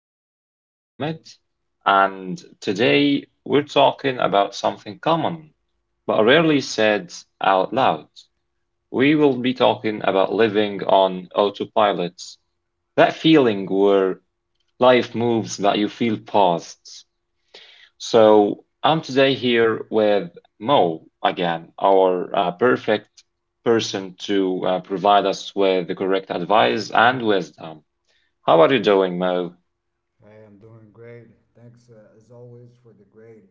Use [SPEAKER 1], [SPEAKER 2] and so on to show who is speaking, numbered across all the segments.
[SPEAKER 1] podcast. I'm Mohammed, and today we're talking about something common but rarely said out loud. We will be talking about living on autopilot, that feeling where life moves but you feel paused. So, I'm today here with Mo again, our perfect person to provide us with the correct advice and wisdom. How are you doing, Mo?
[SPEAKER 2] Hey, I'm doing great. Thanks, as always, for the great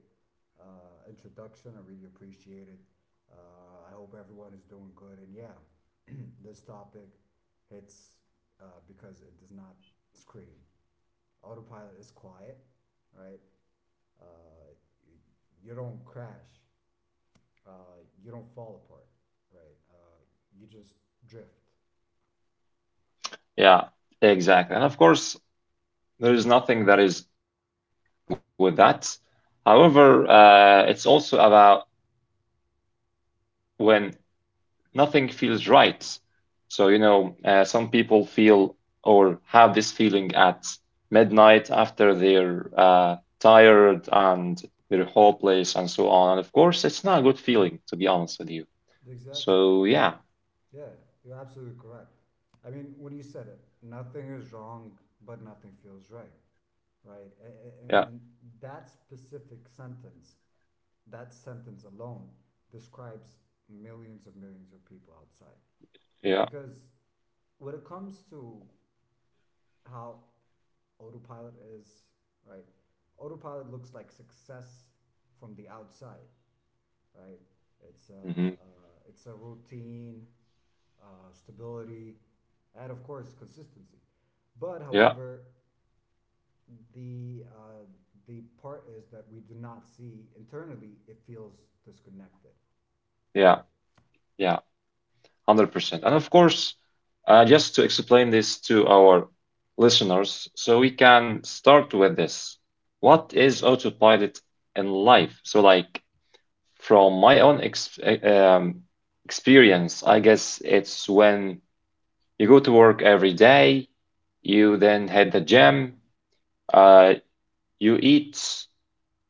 [SPEAKER 2] introduction. I really appreciate it. I hope everyone is doing good. And yeah, this topic hits because it does not scream. Autopilot is quiet, right? Uh, y- you don't crash, uh, you don't fall apart, right? You just drift.
[SPEAKER 1] Yeah, exactly. And of course, there is nothing that is wrong with that. However, it's also about when nothing feels right. So, some people feel or have this feeling at midnight after they're tired and their whole place and so on. And of course, it's not a good feeling, to be honest with you.
[SPEAKER 2] Exactly.
[SPEAKER 1] So, yeah,
[SPEAKER 2] Yeah, you're absolutely correct. I mean, when you said it, nothing is wrong, but nothing feels right, right? A- a-
[SPEAKER 1] yeah,
[SPEAKER 2] a- And that specific sentence, that sentence alone, describes millions of people outside.
[SPEAKER 1] yeah,
[SPEAKER 2] Because when it comes to how autopilot is, right? Autopilot looks like success from the outside, right? It's a,
[SPEAKER 1] mhm,
[SPEAKER 2] uh, it's a routine, stability, and of course consistency. But
[SPEAKER 1] yeah,
[SPEAKER 2] however, the uh, the part is that we do not see internally. It feels disconnected,
[SPEAKER 1] yeah,
[SPEAKER 2] right?
[SPEAKER 1] yeah. 100%. And of course, just to explain this to our listeners, so we can start with this. What is autopilot in life? So, like, from my own ex experience, I guess it's when you go to work every day, you then head the gym, uh, you eat.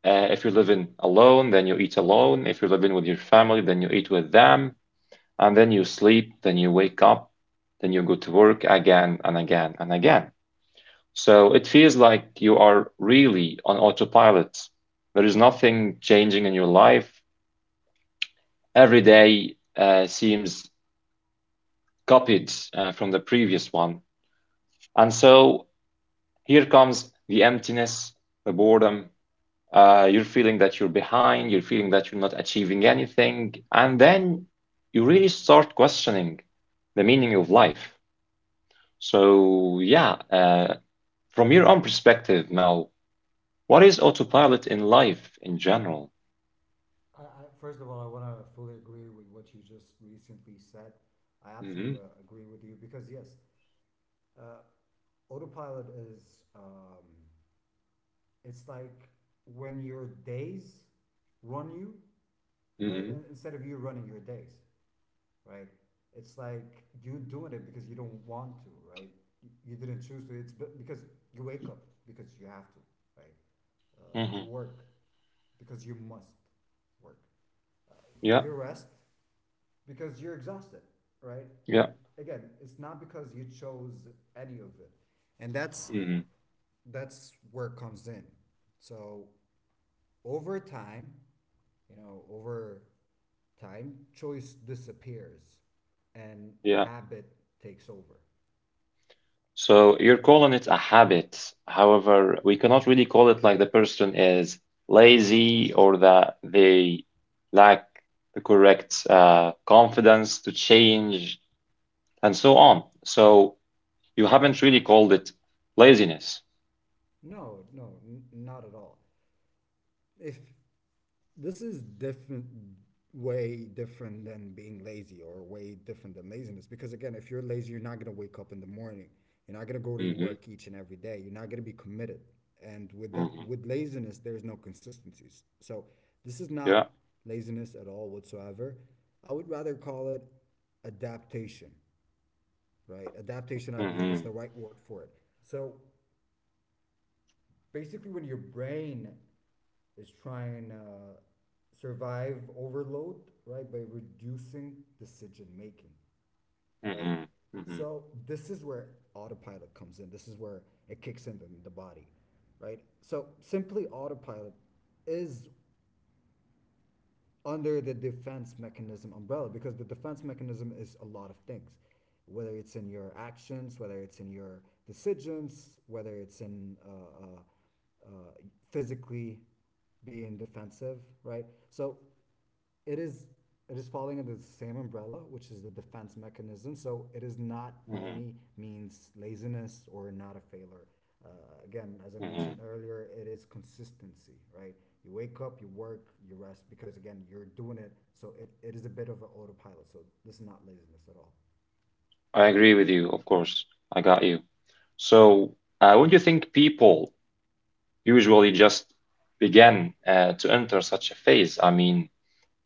[SPEAKER 1] If you're living alone, then you eat alone. If you're living with your family, then you eat with them, and then you sleep, then you wake up, then you go to work again and again and again. So it feels like you are really on autopilot. There is nothing changing in your life. Every day seems copied from the previous one. And so here comes the emptiness, the boredom. You're feeling that you're behind, you're feeling that you're not achieving anything. And then you really start questioning the meaning of life. So, yeah, from your own perspective now, what is autopilot in life in general?
[SPEAKER 2] first of all, I want to fully agree with what you just recently said. I
[SPEAKER 1] Hmm.
[SPEAKER 2] absolutely agree with you because yes, uh, autopilot is it's like when your days run you, right?
[SPEAKER 1] Hmm.
[SPEAKER 2] Instead of you running your days, right? It's like you doing it because you don't want to, right? You- didn't choose to. It's because you wake up because you have to, right? You
[SPEAKER 1] Hmm.
[SPEAKER 2] work because you must work. Uh,
[SPEAKER 1] Yeah,
[SPEAKER 2] you rest because you're exhausted, right?
[SPEAKER 1] yeah.
[SPEAKER 2] It again, it's not because you chose any of it, and that's
[SPEAKER 1] Hmm.
[SPEAKER 2] that's where it comes in. So over time, you know, over time, choice disappears and
[SPEAKER 1] Yeah.
[SPEAKER 2] habit takes over.
[SPEAKER 1] So you're calling it a habit. However, we cannot really call it like the person is lazy or that they lack the correct confidence to change and so on. So you haven't really called it laziness.
[SPEAKER 2] No, no, not at all. If This is different, way different than being lazy or way different than laziness. Because again, if you're lazy, you're not going to wake up in the morning. You're not going to go to your
[SPEAKER 1] Hmm.
[SPEAKER 2] work each and every day. You're not going to be committed. And with that,
[SPEAKER 1] Hmm.
[SPEAKER 2] with laziness, there's no consistencies. So this is not
[SPEAKER 1] Yeah.
[SPEAKER 2] laziness at all whatsoever. I would rather call it adaptation, right? Adaptation, I believe, is the
[SPEAKER 1] Mhm.
[SPEAKER 2] right word for it. So basically when your brain is trying to survive overload, right, by reducing decision making, right?
[SPEAKER 1] Mm-hmm. Mm-hmm.
[SPEAKER 2] So this is where autopilot comes in. This is where it kicks in the body, right? So simply autopilot is under the defense mechanism umbrella because the defense mechanism is a lot of things, whether it's in your actions, whether it's in your decisions, whether it's in uh, uh, physically being defensive, right? So it is, it is falling under the same umbrella, which is the defense mechanism. So it is not by
[SPEAKER 1] Mm-hmm.
[SPEAKER 2] any means laziness or not a failure. Uh, again, as I
[SPEAKER 1] Mm-hmm.
[SPEAKER 2] mentioned earlier, it is consistency, right? You wake up, you work, you rest, because again, you're doing it. So it is a bit of an autopilot. So this is not laziness at all.
[SPEAKER 1] I agree with you, of course. I got you. So, when do you think people usually just begin to enter such a phase? I mean,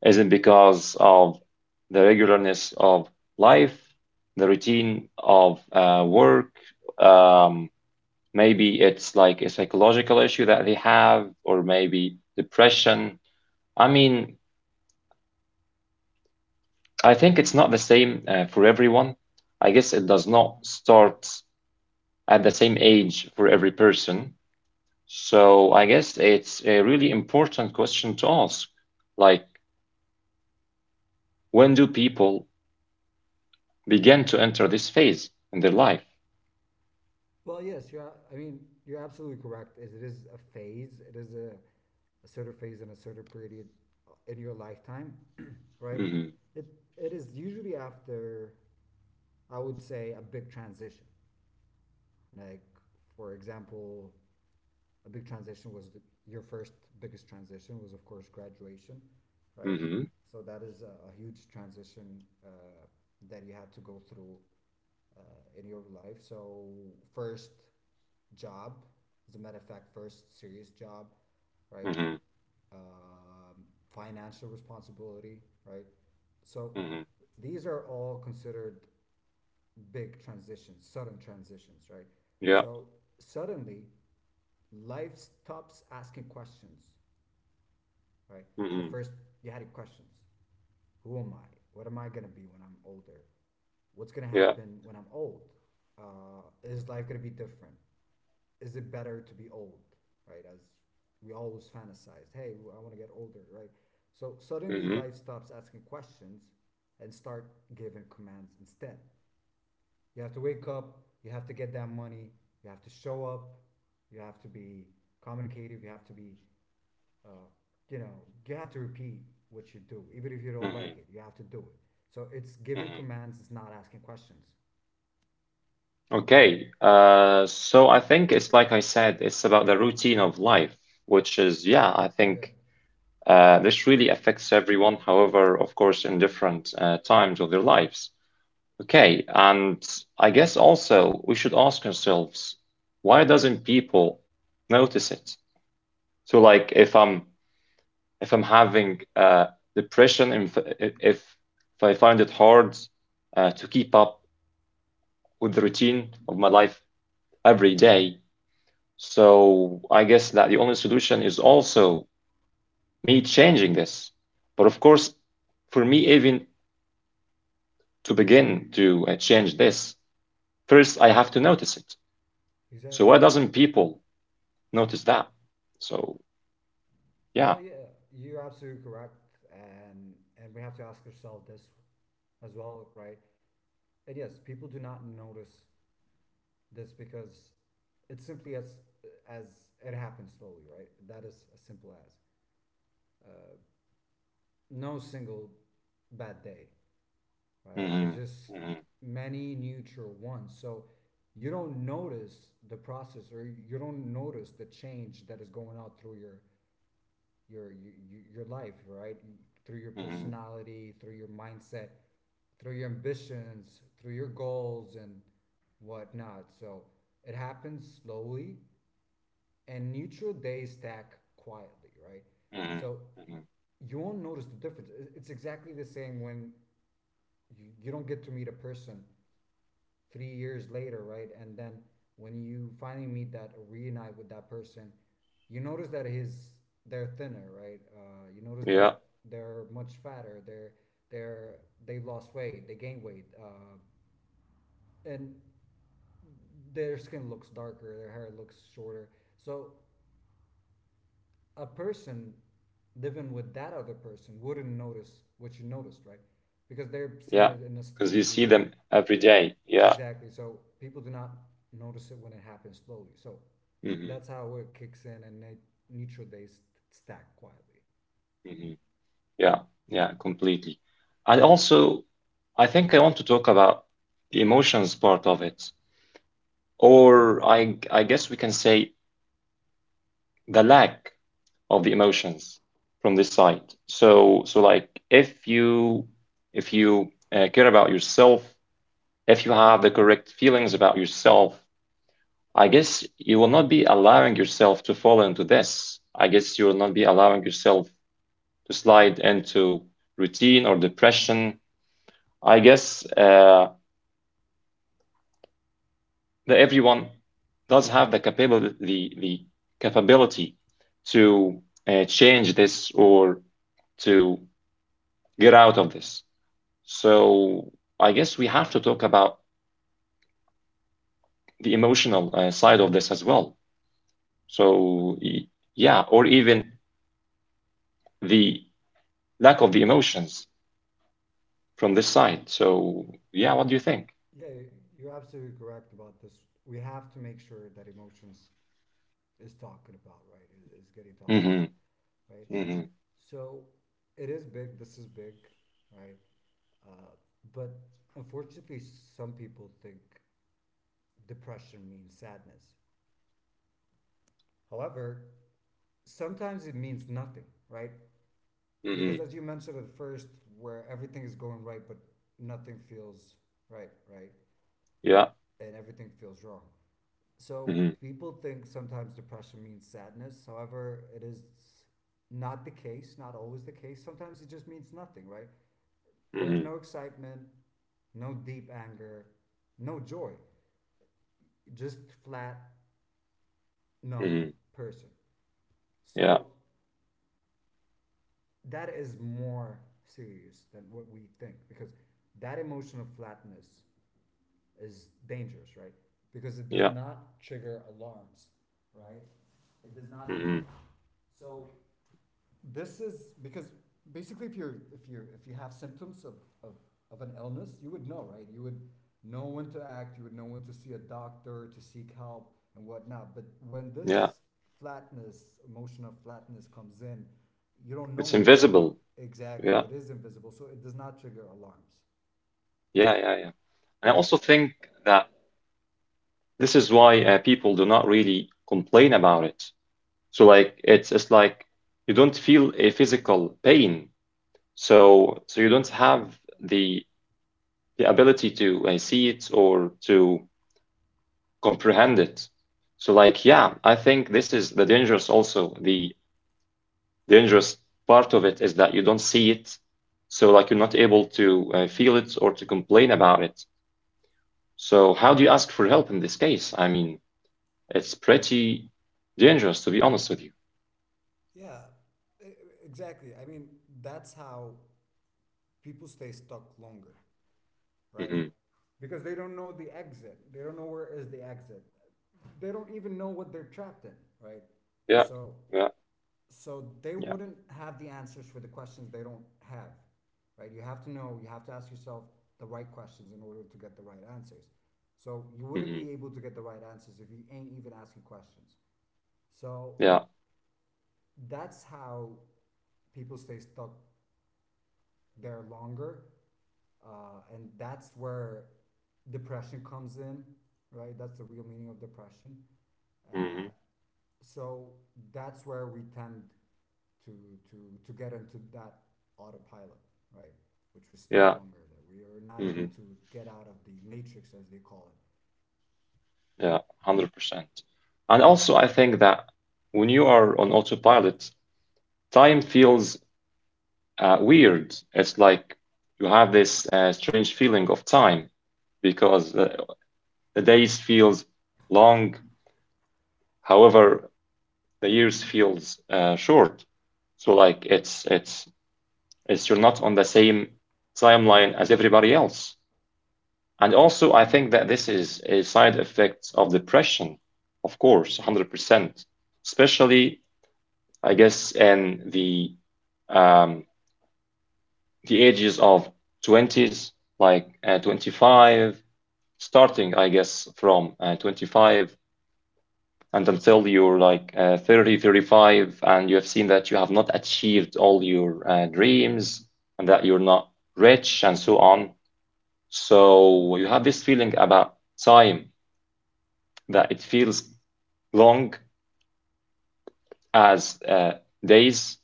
[SPEAKER 1] is it because of the regularness of life, the routine of work? Um, Maybe it's like a psychological issue that they have, or maybe depression. I mean, I think it's not the same for everyone. I guess it does not start at the same age for every person. So I guess it's a really important question to ask. Like, when do people begin to enter this phase in their life?
[SPEAKER 2] Well, yes, I mean, you're absolutely correct. It is a phase. It is a certain phase and a certain period in your lifetime, right?
[SPEAKER 1] Mm-hmm.
[SPEAKER 2] It, it is usually after, I would say, a big transition. Like, for example, a big transition was your first biggest transition was, of course, graduation, right?
[SPEAKER 1] Mm-hmm.
[SPEAKER 2] So that is a huge transition that you had to go through in your life. So first job, as a matter of fact, first serious job, right?
[SPEAKER 1] Mm-hmm.
[SPEAKER 2] Um, financial responsibility, right? So
[SPEAKER 1] Hmm.
[SPEAKER 2] these are all considered big transitions, sudden transitions, right?
[SPEAKER 1] Yeah.
[SPEAKER 2] So suddenly life stops asking questions, right? At
[SPEAKER 1] Mm-hmm.
[SPEAKER 2] first you had questions. Who am I? What am I gonna be when I'm older? What's gonna
[SPEAKER 1] Yeah.
[SPEAKER 2] happen when I'm old? Is life gonna be different? Is it better to be old, right? As we always fantasized, hey, I want to get older, right? So suddenly
[SPEAKER 1] Hmm.
[SPEAKER 2] life stops asking questions and start giving commands instead. You have to wake up, you have to get that money, you have to show up, you have to be communicative, you have to be, uh, you know, you have to repeat what you do, even if you don't
[SPEAKER 1] Mm-hmm.
[SPEAKER 2] like it, you have to do it. So it's giving
[SPEAKER 1] Mm-hmm.
[SPEAKER 2] commands, it's not asking questions.
[SPEAKER 1] Okay. So I think it's like I said, it's about the routine of life, which is, yeah, I
[SPEAKER 2] Yeah,
[SPEAKER 1] think. This really affects everyone, however, of course, in different times of their lives. Okay, and I guess also we should ask ourselves, why doesn't people notice it? So, like, if I'm having depression, if I find it hard to keep up with the routine of my life every day, so I guess that the only solution is also me changing this. But of course, for me, even to begin to change this, first I have to notice it. So why
[SPEAKER 2] exactly.
[SPEAKER 1] doesn't people notice that? So yeah.
[SPEAKER 2] Well, yeah, you're absolutely correct, and we have to ask ourselves this as well, right? And yes, people do not notice this because it's simply as it happens slowly, right? That is as simple as. Uh, no single bad day, right?
[SPEAKER 1] Hmm.
[SPEAKER 2] It's just
[SPEAKER 1] Hmm.
[SPEAKER 2] many neutral ones. So you don't notice the process or you don't notice the change that is going out through your your, your life, right? Through your
[SPEAKER 1] Hmm.
[SPEAKER 2] personality, through your mindset, through your ambitions, through your goals and whatnot. So it happens slowly and neutral days stack quietly, right?
[SPEAKER 1] Hmm.
[SPEAKER 2] So
[SPEAKER 1] Hmm.
[SPEAKER 2] you won't notice the difference. It's exactly the same when you don't get to meet a person 3 years later, right? And then when you finally meet that or reunite with that person, you notice that his they're thinner, right? You notice
[SPEAKER 1] Yeah,
[SPEAKER 2] that they're much fatter. They're they lost weight. They gained weight, and their skin looks darker. Their hair looks shorter. So a person living with that other person wouldn't notice what you noticed, right? Because they're seeing
[SPEAKER 1] yeah.
[SPEAKER 2] it in a
[SPEAKER 1] Because you see
[SPEAKER 2] slowly.
[SPEAKER 1] them every day. Yeah.
[SPEAKER 2] Exactly. So people do not notice it when it happens slowly. So
[SPEAKER 1] Hmm.
[SPEAKER 2] that's how it kicks in, and neutral days stack quietly.
[SPEAKER 1] Hmm. Yeah, yeah, completely. And also, I think I want to talk about the emotions part of it, or I guess we can say the lack of the emotions from this side. So, like if you care about yourself, if you have the correct feelings about yourself, I guess you will not be allowing yourself to fall into this. I guess you will not be allowing yourself to slide into routine or depression. I guess that everyone does have the capability, the capability to change this or to get out of this. So I guess we have to talk about the emotional side of this as well. So yeah, or even the lack of the emotions from this side. So yeah, what do you think?
[SPEAKER 2] Yeah, you're absolutely correct about this. We have to make sure that emotions is talking about, right? Is getting talked about,
[SPEAKER 1] Mm-hmm.
[SPEAKER 2] right?
[SPEAKER 1] Mm-hmm.
[SPEAKER 2] So it is big. This is big, right? Uh, but unfortunately, some people think depression means sadness. However, sometimes it means nothing, right? Because
[SPEAKER 1] Mm-hmm.
[SPEAKER 2] as you mentioned at first, where everything is going right, but nothing feels right, right?
[SPEAKER 1] Yeah.
[SPEAKER 2] And everything feels wrong. So
[SPEAKER 1] Mm-hmm.
[SPEAKER 2] people think sometimes depression means sadness. However, it is not the case, not always the case. Sometimes it just means nothing, right? There is
[SPEAKER 1] Mm-hmm.
[SPEAKER 2] no excitement, no deep anger, no joy, just flat, numb
[SPEAKER 1] Mm-hmm.
[SPEAKER 2] person.
[SPEAKER 1] Yeah.
[SPEAKER 2] So that is more serious than what we think because that emotion of flatness is dangerous, right? Because it does
[SPEAKER 1] Yeah.
[SPEAKER 2] not trigger alarms, right? It does not do
[SPEAKER 1] Mm-hmm.
[SPEAKER 2] that. So this is because basically if you're if you're if you have symptoms of, of, of an illness, you would know, right? You would know when to act, you would know when to see a doctor, to seek help and whatnot. But when
[SPEAKER 1] Yeah.
[SPEAKER 2] this flatness, emotional flatness comes in, you don't
[SPEAKER 1] It's
[SPEAKER 2] know it. So
[SPEAKER 1] invisible.
[SPEAKER 2] exactly,
[SPEAKER 1] Yeah.
[SPEAKER 2] it is invisible. So it does not trigger alarms.
[SPEAKER 1] Yeah. Yeah. Yeah. And I also think that this is why people do not really complain about it. So like it's like you don't feel a physical pain. So you don't have the the ability to see it or to comprehend it. So like yeah, I think this is the dangerous also. The dangerous part of it is that you don't see it. So like you're not able to feel it or to complain about it. So how do you ask for help in this case? I mean, it's pretty dangerous to be honest with you.
[SPEAKER 2] Yeah, e- e, exactly. I mean, that's how people stay stuck longer, right?
[SPEAKER 1] Hmm.
[SPEAKER 2] Because they don't know the exit. They don't know where is the exit. They don't even know what they're trapped in, right?
[SPEAKER 1] Yeah,
[SPEAKER 2] So,
[SPEAKER 1] yeah,
[SPEAKER 2] so they
[SPEAKER 1] yeah.
[SPEAKER 2] wouldn't have the answers for the questions they don't have, right? You have to know. You have to ask yourself the right questions in order to get the right answers. So you wouldn't
[SPEAKER 1] Hmm.
[SPEAKER 2] be able to get the right answers if you ain't even asking questions. So
[SPEAKER 1] Yeah.
[SPEAKER 2] that's how people stay stuck they're longer, and that's where depression comes in, right? That's the real meaning of depression. Uh,
[SPEAKER 1] Mhm.
[SPEAKER 2] so that's where we tend to to to get into that autopilot, right? Which we're stuck
[SPEAKER 1] Yeah.
[SPEAKER 2] longer, that we are not able
[SPEAKER 1] Hmm.
[SPEAKER 2] to get out of the matrix, as they call it.
[SPEAKER 1] Yeah. 100%. And also, I think that when you are on autopilot, time feels weird. It's like you have this strange feeling of time because the days feels long, however, the years feels short. So like it's you're not on the same timeline as everybody else. And also, I think that this is a side effect of depression, of course, 100%, especially, I guess, in um, the ages of 20s, like 25, starting, I guess, from 25 and until you're like 30, 35, and you have seen that you have not achieved all your dreams and that you're not rich and so on. So you have this feeling about time that it feels long as days.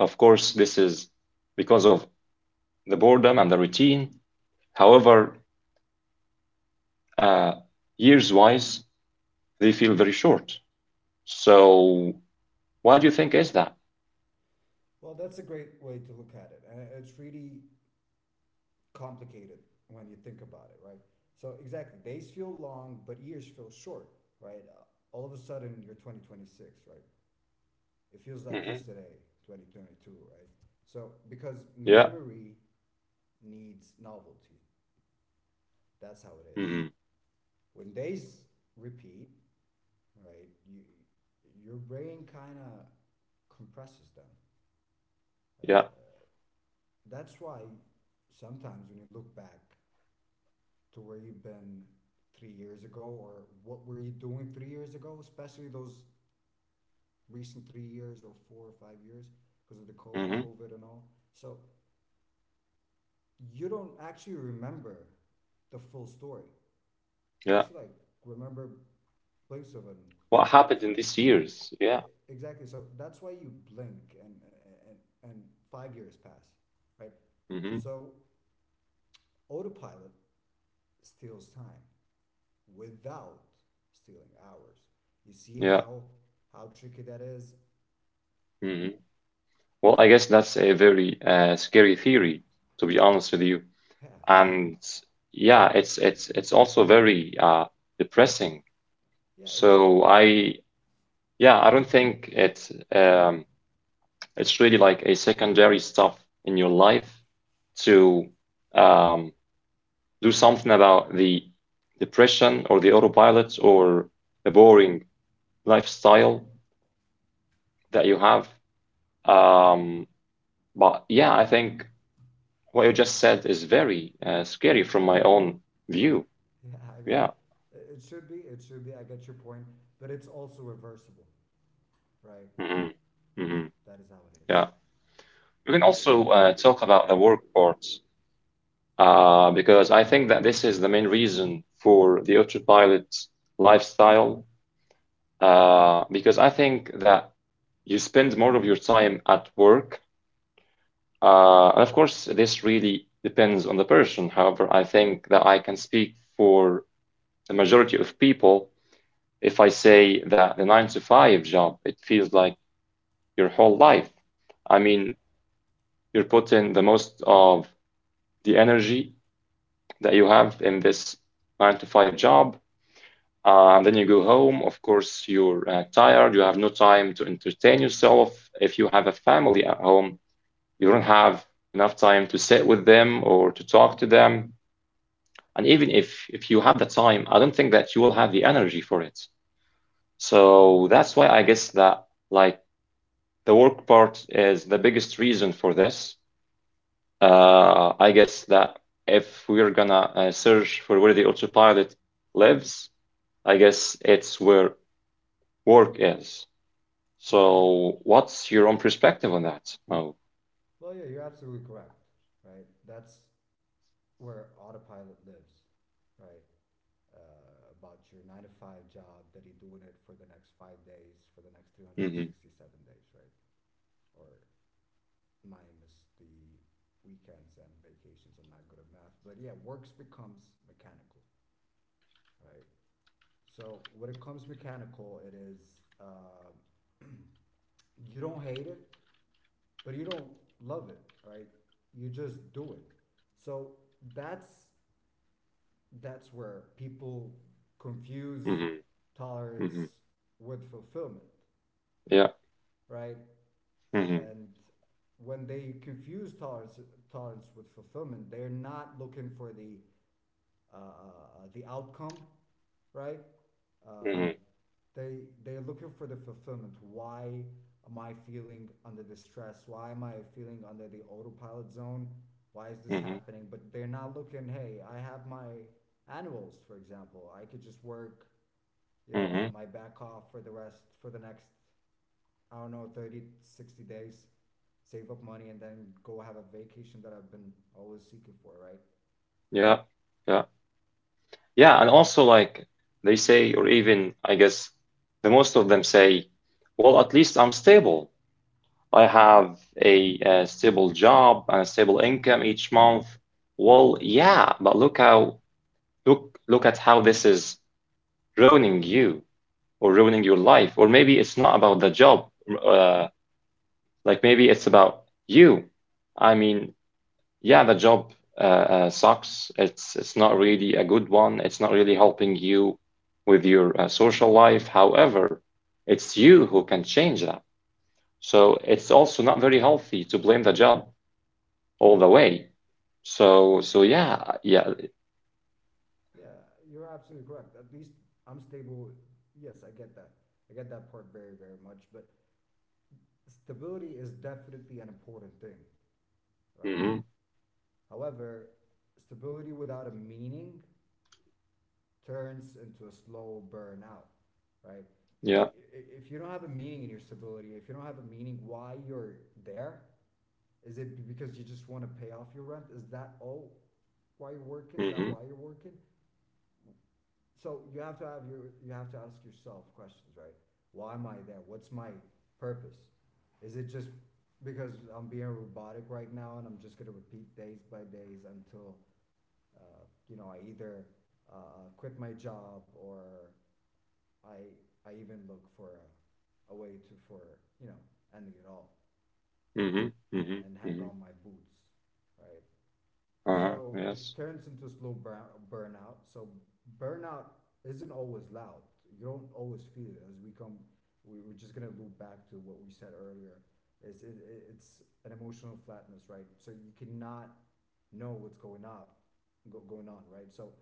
[SPEAKER 1] Of course, this is because of the boredom and the routine. However, uh, years wise, they feel very short. So, why do you think is that?
[SPEAKER 2] Well, that's a great way to look at it, and it's really complicated when you think about it, right? So exactly, days feel long, but years feel short, right? All of a sudden, you're 2026, right? It
[SPEAKER 1] Hmm.
[SPEAKER 2] feels like yesterday, 2022, right? So
[SPEAKER 1] Yeah.
[SPEAKER 2] because memory needs novelty, that's how
[SPEAKER 1] Hmm.
[SPEAKER 2] it is. When days repeat, right? Your brain kind of compresses them.
[SPEAKER 1] Yeah.
[SPEAKER 2] Uh, that's why sometimes when you look back to where you've been 3 years ago, or what were you doing 3 years ago, especially those recent 3 years or 4 or 5 years because of the
[SPEAKER 1] Hmm.
[SPEAKER 2] covid and all. So you don't actually remember the full story. You
[SPEAKER 1] Yeah.
[SPEAKER 2] actually like remember blinks of them.
[SPEAKER 1] What
[SPEAKER 2] Blinks
[SPEAKER 1] happened
[SPEAKER 2] of
[SPEAKER 1] in
[SPEAKER 2] them,
[SPEAKER 1] these years? Yeah.
[SPEAKER 2] exactly. So that's why you blink and and and 5 years pass, right?
[SPEAKER 1] Hmm.
[SPEAKER 2] So autopilot steals time without stealing ours. You see
[SPEAKER 1] Yeah.
[SPEAKER 2] how tricky that is?
[SPEAKER 1] Hmm. Well, I guess that's a very scary theory, to be honest with you.
[SPEAKER 2] Yeah,
[SPEAKER 1] And yeah, it's also very depressing.
[SPEAKER 2] yeah, it should be.
[SPEAKER 1] So I, yeah, I don't think it's really like a secondary stuff in your life to um, do something about the depression or the autopilot or the boring lifestyle that you have. Um, but yeah, I think what you just said is very scary from my own view.
[SPEAKER 2] Yeah, I mean,
[SPEAKER 1] Yeah.
[SPEAKER 2] it should be. It should be. I get your point, but it's also reversible, right?
[SPEAKER 1] Hmm. Hmm.
[SPEAKER 2] That is how it is.
[SPEAKER 1] Yeah. We can also talk about the work part because I think that this is the main reason for the autopilot lifestyle. Because I think that you spend more of your time at work. And of course, this really depends on the person. However, I think that I can speak for the majority of people if I say that the nine to five job, it feels like your whole life. I mean, you're putting the most of the energy that you have in this nine to five job. And then you go home. Of course, you're tired. You have no time to entertain yourself. If you have a family at home, you don't have enough time to sit with them or to talk to them. And even if you have the time, I don't think that you will have the energy for it. So
[SPEAKER 2] Exactly.
[SPEAKER 1] that's why I guess that like the work part is the biggest reason for this. I guess that if we're gonna search for where the autopilot lives, I guess it's where work is.
[SPEAKER 2] Exactly.
[SPEAKER 1] So, what's your own perspective on that? Oh,
[SPEAKER 2] Well, yeah, you're absolutely correct. Right. That's where autopilot lives. Right. About your 9-to-5 job that you're doing it for the next 5 days, for the next
[SPEAKER 1] mm-hmm,
[SPEAKER 2] 367 days, right? Or minus the weekends and vacations. I'm not good at math, but yeah, works becomes mechanical, right? So when it comes mechanical, it is you don't hate it, but you don't love it, right? You just do it. So that's that's where people confuse
[SPEAKER 1] mm-hmm, mm-hmm,
[SPEAKER 2] tolerance with fulfillment,
[SPEAKER 1] yeah,
[SPEAKER 2] right?
[SPEAKER 1] mm-hmm,
[SPEAKER 2] And when they confuse tolerance with fulfillment, they're not looking for the outcome, right?
[SPEAKER 1] mm-hmm,
[SPEAKER 2] Uh, they're looking for the fulfillment. Why am I feeling under the stress? Why am I feeling under the autopilot zone? Why is this
[SPEAKER 1] mm-hmm,
[SPEAKER 2] happening? But they're not looking. Hey, I have my annuals, for example. I could just work,
[SPEAKER 1] mm-hmm,
[SPEAKER 2] my back off for the rest for the next I don't know 30-60 days, save up money, and then go have a vacation that I've been always seeking for, right?
[SPEAKER 1] yeah, yeah, yeah. And also, like they say, or even I guess the most of them say, well, at least I'm stable. I have a stable job and a stable income each month. Well, yeah, but look at how this is ruining you or ruining your life. Or maybe it's not about the job. Uh, Like maybe it's about you. I mean, yeah, the job sucks. It's not really a good one. It's not really helping you with your social life. However, it's you who can change that. So it's also
[SPEAKER 2] Exactly.
[SPEAKER 1] not very healthy to blame the job all the way. So yeah, yeah.
[SPEAKER 2] Yeah, you're absolutely correct. At least I'm stable. Yes, I get that. I get that part very, very much. But stability is definitely an important thing, right?
[SPEAKER 1] Hmm.
[SPEAKER 2] However, stability without a meaning turns into a slow burnout, right? If,
[SPEAKER 1] Yeah.
[SPEAKER 2] if you don't have a meaning in your stability, if you don't have a meaning why you're there, is it because you just want to pay off your rent? Is that all why you're working? Is that
[SPEAKER 1] Hmm.
[SPEAKER 2] why you're working? So you have to ask yourself questions, right? Why am I there? What's my purpose? Is it just because I'm being robotic right now and I'm just gonna repeat days by days until I either quit my job or I I even look for a way to for you know ending it all
[SPEAKER 1] Hmm.
[SPEAKER 2] and,
[SPEAKER 1] Hmm.
[SPEAKER 2] and hang
[SPEAKER 1] Hmm.
[SPEAKER 2] on my boots, right?
[SPEAKER 1] Uh-huh.
[SPEAKER 2] So it
[SPEAKER 1] Yes.
[SPEAKER 2] turns into slow burnout. So burnout isn't always loud. You don't always feel it. As we come, we're just gonna loop back to what we said earlier. It's an emotional flatness, right? So you cannot know going on, right? So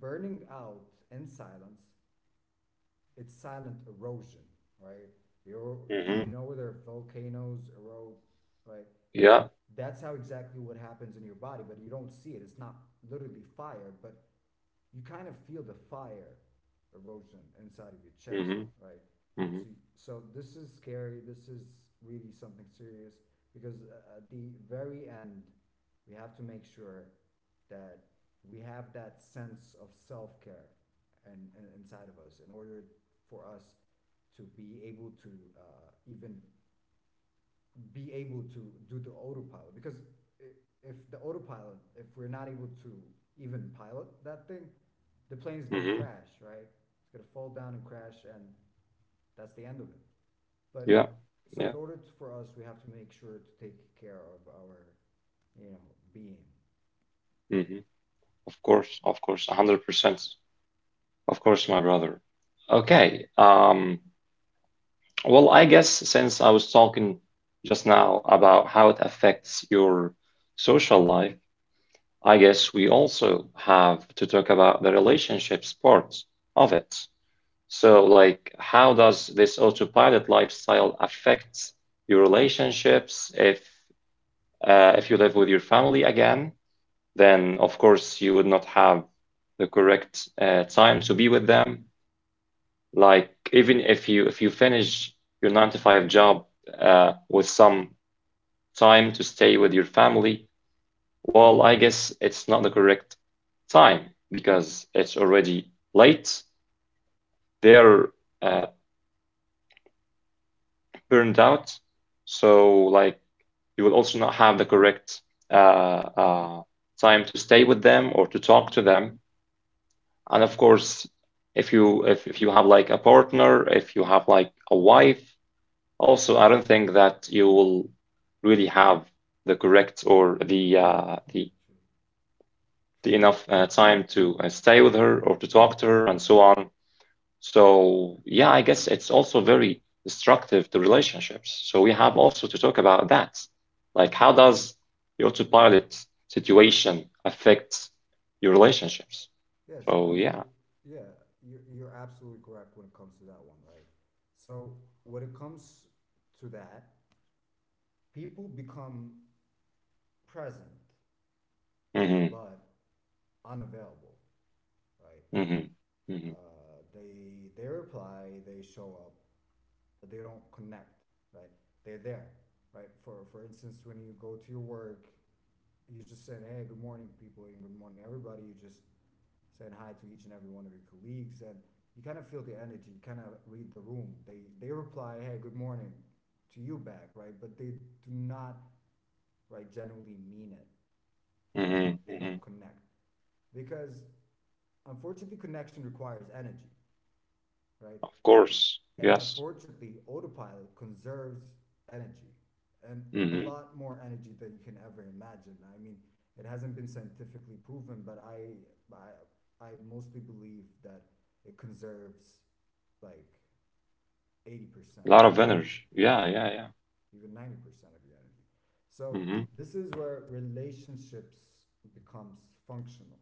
[SPEAKER 2] burning out in silence, it's silent erosion, right? You
[SPEAKER 1] Hmm.
[SPEAKER 2] you know where there are volcanoes erode, right?
[SPEAKER 1] Yeah.
[SPEAKER 2] That's how exactly what happens in your body, but you don't see it. It's not literally fire, but you kind of feel the fire erosion inside of your chest,
[SPEAKER 1] Hmm.
[SPEAKER 2] right?
[SPEAKER 1] Hmm.
[SPEAKER 2] So, so this is scary. This is really something serious because at the very end, we have to make sure that we have that sense of self care and, inside of us in order for us to be able to even be able to do the autopilot because if the autopilot if we're not able to even pilot that thing, the plane is going to
[SPEAKER 1] Hmm.
[SPEAKER 2] crash, right? It's going to fall down and crash, and that's the end of it. But
[SPEAKER 1] Yeah.
[SPEAKER 2] so
[SPEAKER 1] Yeah.
[SPEAKER 2] in order to, for us, we have to make sure to take care of our you know being.
[SPEAKER 1] Hmm. Of course, 100%. Of course, my brother. Okay. Well, I guess since I was talking just now about how it affects your social life, I guess we also have to talk about the relationships part of it. So, like, how does this autopilot lifestyle affect your relationships if you live with your family again? Then of course you would not have the correct time to be with them. Like even if you finish your nine to five job with some time to stay with your family, well, I guess it's not the correct time because it's already late. They're uh, burned out, so like you will also not have the correct uh, uh, time to stay with them or to talk to them. And of course, if you have like a partner, if you have like a wife, also I don't think that you will really have the correct or the uh,
[SPEAKER 2] Very
[SPEAKER 1] the
[SPEAKER 2] true,
[SPEAKER 1] the
[SPEAKER 2] true.
[SPEAKER 1] enough time to stay with her or to talk to her and so on. So yeah, I guess it's also very destructive to relationships. So we have also to talk about that. Like how
[SPEAKER 2] Yes.
[SPEAKER 1] does the autopilot situation affect your relationships?
[SPEAKER 2] yes you're
[SPEAKER 1] So yeah.
[SPEAKER 2] absolutely Yeah, you're absolutely correct when it comes to that one, right? So when it comes to that, people become present
[SPEAKER 1] Hmm.
[SPEAKER 2] but unavailable, right?
[SPEAKER 1] Hmm.
[SPEAKER 2] They reply, they show up, but they don't connect, right? They're there, right? For instance, when you go to your work, you just saying, "Hey, good morning, people," and "Good morning, everybody." You just saying hi to each and every one of your colleagues, and you kind of feel the energy. You kind of read the room. They reply, "Hey, good morning," to you back, right? But they do not, right, generally mean it, right?
[SPEAKER 1] Hmm.
[SPEAKER 2] They don't
[SPEAKER 1] Hmm.
[SPEAKER 2] connect because unfortunately, connection requires energy, right?
[SPEAKER 1] Of course.
[SPEAKER 2] And
[SPEAKER 1] Yes.
[SPEAKER 2] unfortunately, autopilot conserves energy, and a
[SPEAKER 1] Hmm.
[SPEAKER 2] lot more energy than you can ever imagine. I mean, it hasn't been scientifically proven, but I mostly believe that it conserves like 80%
[SPEAKER 1] A lot
[SPEAKER 2] of your
[SPEAKER 1] of
[SPEAKER 2] energy.
[SPEAKER 1] energy. Yeah,
[SPEAKER 2] Yeah,
[SPEAKER 1] yeah, yeah.
[SPEAKER 2] even 90% of your energy. So
[SPEAKER 1] Hmm.
[SPEAKER 2] this is where relationships becomes functional,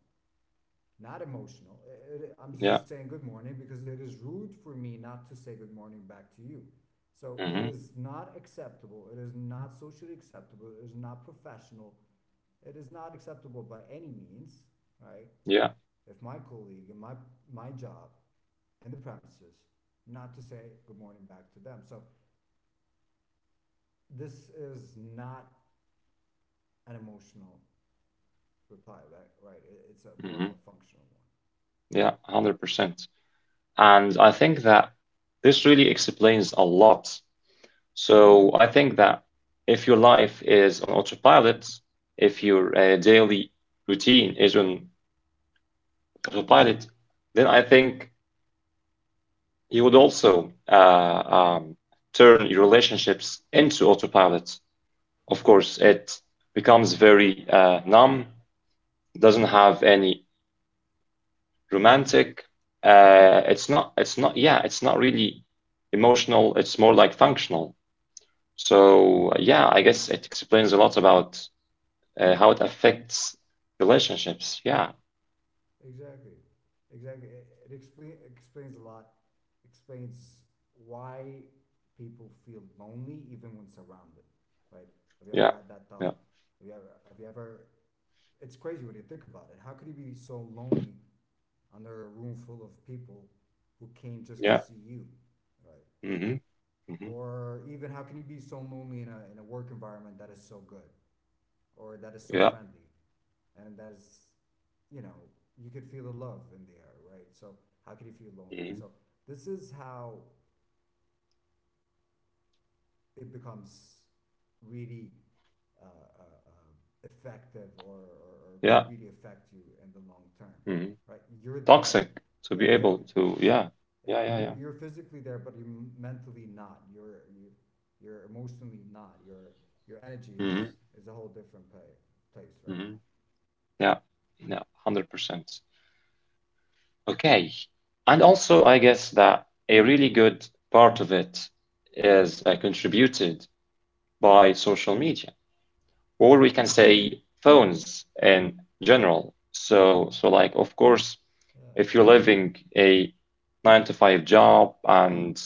[SPEAKER 2] not emotional. I'm
[SPEAKER 1] Yeah.
[SPEAKER 2] just saying good morning because it is rude for me not to say good morning back to you. So it
[SPEAKER 1] Hmm.
[SPEAKER 2] is not acceptable. It is not socially acceptable. It is not professional. It is not acceptable by any means, right?
[SPEAKER 1] Yeah.
[SPEAKER 2] If my colleague and my job and the premises not to say good morning back to them. So this is not an emotional reply back, right? It's a more of
[SPEAKER 1] Hmm.
[SPEAKER 2] a functional one.
[SPEAKER 1] Yeah, 100%. And I think that this really explains a lot. So I think that if your life is on autopilot, if your daily routine is on autopilot, then I think you would also turn your relationships into autopilot. Of course, it becomes very numb, doesn't have any romantic. It's not, yeah, it's not really emotional. It's more like functional. So yeah, I guess it explains a lot about how it affects relationships. Yeah,
[SPEAKER 2] Exactly, exactly. Explains a lot. Explains why people feel lonely even when surrounded, right? Have you
[SPEAKER 1] yeah,
[SPEAKER 2] ever had that
[SPEAKER 1] yeah,
[SPEAKER 2] thought? Have you ever? Have you ever? It's crazy when you think about it. How could you be so lonely under a room full of people who came just to
[SPEAKER 1] yeah.
[SPEAKER 2] see you, right?
[SPEAKER 1] Mm-hmm, mm-hmm,
[SPEAKER 2] Or even how can you be so lonely in a work environment that is so good or that is so
[SPEAKER 1] yeah,
[SPEAKER 2] friendly? And that is, you know, you could feel the love in the air, right? So how could you feel lonely?
[SPEAKER 1] mm-hmm,
[SPEAKER 2] So this is how it becomes really effective, or
[SPEAKER 1] yeah,
[SPEAKER 2] could really affect you in the long term,
[SPEAKER 1] mm-hmm.
[SPEAKER 2] right? You're there.
[SPEAKER 1] Toxic to
[SPEAKER 2] Yeah,
[SPEAKER 1] be able
[SPEAKER 2] exactly.
[SPEAKER 1] to, yeah, yeah, yeah,
[SPEAKER 2] You're
[SPEAKER 1] yeah.
[SPEAKER 2] physically there, but you're mentally not, you're emotionally not, your energy
[SPEAKER 1] Mm-hmm,
[SPEAKER 2] is a whole different place, right?
[SPEAKER 1] mm-hmm, yeah, yeah, 100%. Okay. And also, I guess that a really good part of it is contributed by social media, or we can say phones in general. So, like, of course,
[SPEAKER 2] Yeah,
[SPEAKER 1] if you're
[SPEAKER 2] definitely,
[SPEAKER 1] living a nine to five job and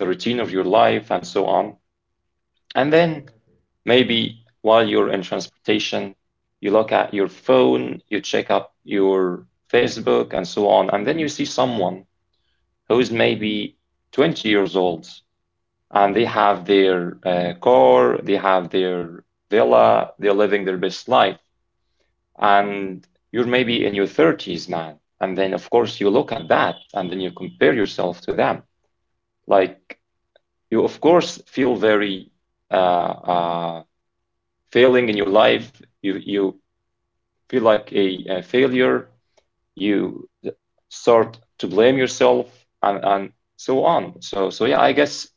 [SPEAKER 1] the routine of your life and so on, and then
[SPEAKER 2] exactly.
[SPEAKER 1] maybe while you're in transportation, you look at your phone, you check up your Facebook and so on, and then you see someone who's maybe 20 years old and they have their car, they have their villa, they're living their best life. And you're maybe in your 30s, man. And then, of course, you look at that and then you compare yourself to them. Like, you, of course, feel very uh, uh, failing in your life. You feel like a failure. You start to blame yourself and so on. So yeah, I guess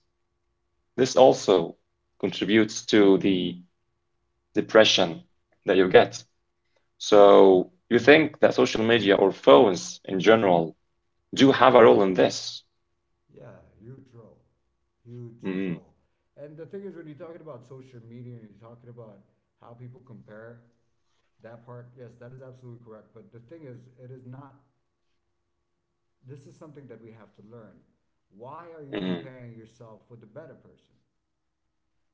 [SPEAKER 1] this also contributes to the depression that you get. So you think that social media or phones in general do have a role in this?
[SPEAKER 2] Yeah, huge role, huge
[SPEAKER 1] Hmm.
[SPEAKER 2] role. And the thing is, when you're talking about social media and you're talking about how people compare, that part, yes, that is absolutely correct. But the thing is, it is not, this is something that we have to learn. Why are you
[SPEAKER 1] Hmm.
[SPEAKER 2] comparing yourself with the better person?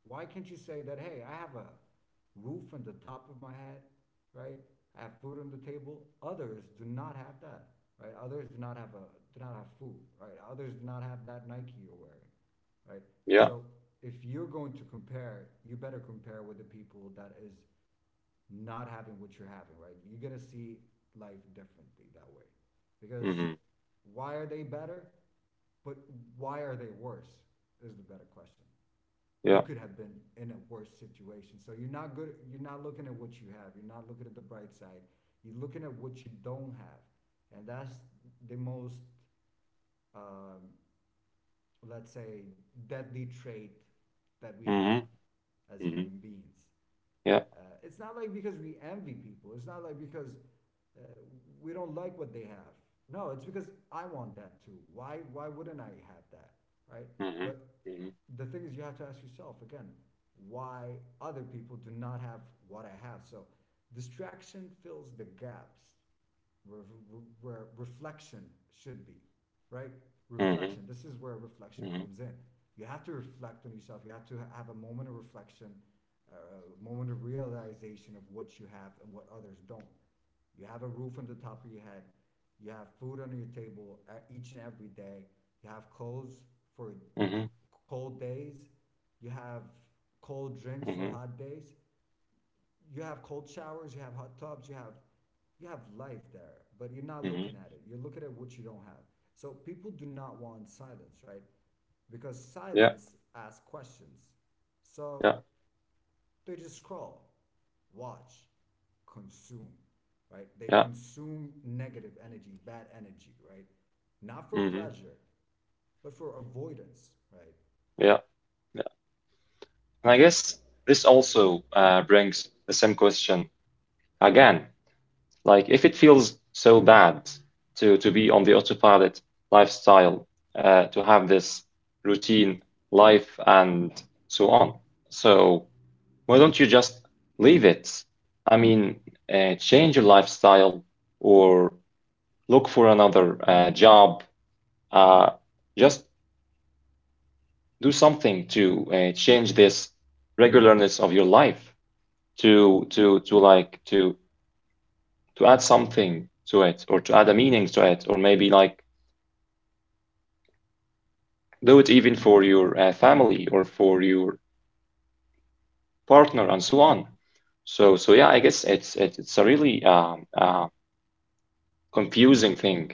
[SPEAKER 2] Why can't you say that, hey, I have a roof on the top of my head, right? I have food on the table. Others do not have that, right? Others do not have a do not have food, right? Others do not have that Nike you're wearing, right?
[SPEAKER 1] Yeah.
[SPEAKER 2] So if you're going to compare, you better compare with the people that is not having what you're having, right? You're gonna see life differently that way, because
[SPEAKER 1] Hmm.
[SPEAKER 2] why are they better? But why are they worse? Is the better question. You
[SPEAKER 1] Yeah.
[SPEAKER 2] could have been in a worse situation. So you're not good. You're not looking at what you have. You're not looking at the bright side. You're looking at what you don't have, and that's the most, um, let's say, deadly trait that we have
[SPEAKER 1] Hmm.
[SPEAKER 2] as
[SPEAKER 1] Hmm.
[SPEAKER 2] human beings.
[SPEAKER 1] Yeah.
[SPEAKER 2] It's not like because we envy people. It's not like because uh, we don't like what they have. No, it's because I want that too. Why wouldn't I have that, right?
[SPEAKER 1] Hmm.
[SPEAKER 2] But
[SPEAKER 1] Hmm.
[SPEAKER 2] the thing is, you have to ask yourself again, why other people do not have what I have. So distraction fills the gaps where, where reflection should be, right?
[SPEAKER 1] Hmm.
[SPEAKER 2] Reflection. This is where
[SPEAKER 1] Hmm.
[SPEAKER 2] reflection comes in. You have to reflect on yourself. You have to have a moment of reflection, uh, a moment of realization of what you have and what others don't. You have a roof on the top of your head. You have food under your table each and every day. You have clothes
[SPEAKER 1] Hmm.
[SPEAKER 2] for cold days. You have
[SPEAKER 1] Hmm.
[SPEAKER 2] cold drinks for hot days, you have cold showers, you have hot tubs, you have life there, but
[SPEAKER 1] Hmm.
[SPEAKER 2] you're not looking at it. You're looking at what you don't have. So people do not want silence, right? Because
[SPEAKER 1] Yeah.
[SPEAKER 2] silence asks questions.
[SPEAKER 1] Yeah.
[SPEAKER 2] So they just scroll, watch, consume, right? They
[SPEAKER 1] Yeah.
[SPEAKER 2] consume negative energy, bad energy, right? Not for
[SPEAKER 1] Hmm.
[SPEAKER 2] pleasure, but for avoidance, right?
[SPEAKER 1] Yeah. Yeah. And I guess this also brings the same question again. Like if it feels so bad to be on the autopilot lifestyle, to have this routine life and so on. So why don't you just leave it? I mean, change your lifestyle or look for another job. Uh, just do something to change this regularness of your life to add something to it or to add a meaning to it or maybe like do it even for your family or for your partner and so on. So yeah, I guess it's a really confusing thing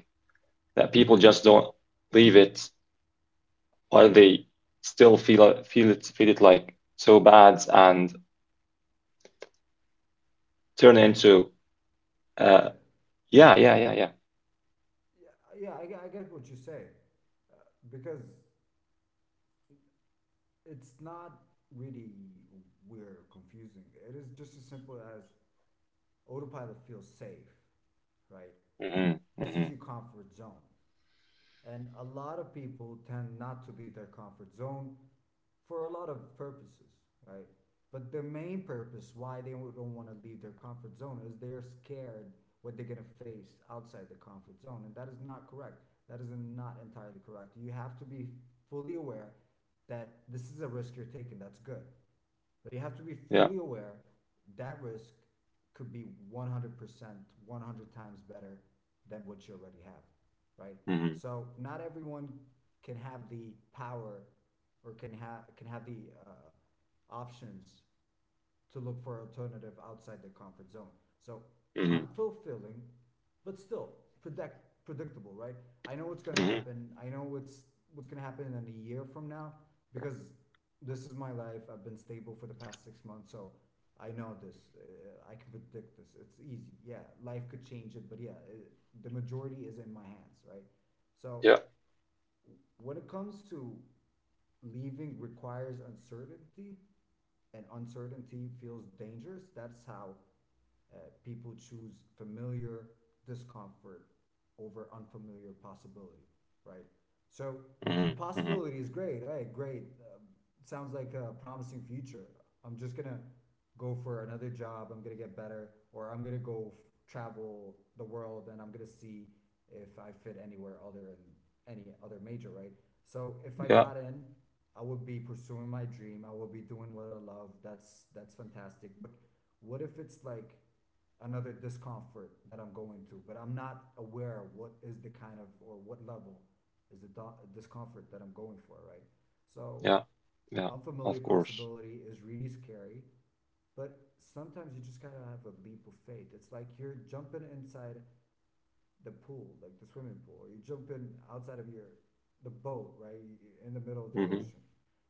[SPEAKER 1] that people just don't leave
[SPEAKER 2] Right.
[SPEAKER 1] it while they still feel it like so bad and
[SPEAKER 2] Yeah,
[SPEAKER 1] turn
[SPEAKER 2] I,
[SPEAKER 1] into uh
[SPEAKER 2] yeah,
[SPEAKER 1] yeah, yeah, yeah, yeah.
[SPEAKER 2] yeah. I get what you say, uh, because it's not really weird or confusing. It is just as simple as autopilot feels safe, right?
[SPEAKER 1] Mm-hmm,
[SPEAKER 2] This is
[SPEAKER 1] mm-hmm,
[SPEAKER 2] your comfort zone. And a lot of people tend not to leave their comfort zone for a lot of purposes, right? But the main purpose why they don't want to leave their comfort zone is they're scared what they're going to face outside the comfort zone. And that is not correct. That is not entirely correct. You have to be fully aware that this is a risk you're taking. That's good. But you have to be
[SPEAKER 1] yeah.
[SPEAKER 2] fully aware that risk could be 100%, 100 times better than what you already have, right?
[SPEAKER 1] Mm-hmm,
[SPEAKER 2] So not everyone can have the power or can have the options to look for alternative outside their comfort zone. So
[SPEAKER 1] mm-hmm,
[SPEAKER 2] unfulfilling, but still predictable, right? I know what's gonna
[SPEAKER 1] mm-hmm,
[SPEAKER 2] happen. I know what's gonna happen in a year from now because this is my life. I've been stable for the past 6 months, so I know this. I can predict this. It's easy. Yeah, life could change it, but yeah, the majority is in my hands, right? So
[SPEAKER 1] yeah.
[SPEAKER 2] when it comes to leaving requires uncertainty, and uncertainty feels dangerous. That's how uh, people choose familiar discomfort over unfamiliar possibility, right? So
[SPEAKER 1] Mm-hmm,
[SPEAKER 2] the
[SPEAKER 1] mm-hmm,
[SPEAKER 2] possibility is great. Hey, great. Sounds like a promising future. I'm just gonna go for another job. I'm gonna get better, or I'm gonna travel the world and I'm gonna see if I fit anywhere other than any other major, right? So if I
[SPEAKER 1] yeah,
[SPEAKER 2] got in, I would be pursuing my dream. I would be doing what I love. That's fantastic. But what if it's like another discomfort that I'm going to, but I'm not aware what is the kind of or what level is the discomfort that I'm going for, right? So,
[SPEAKER 1] yeah, yeah. Of
[SPEAKER 2] unfamiliar
[SPEAKER 1] course.
[SPEAKER 2] possibility is really scary, but sometimes you just gotta have a leap of faith. It's like you're jumping inside the pool, like the swimming pool. You jump in outside of your the boat, right, in the middle of the
[SPEAKER 1] Mm-hmm,
[SPEAKER 2] ocean.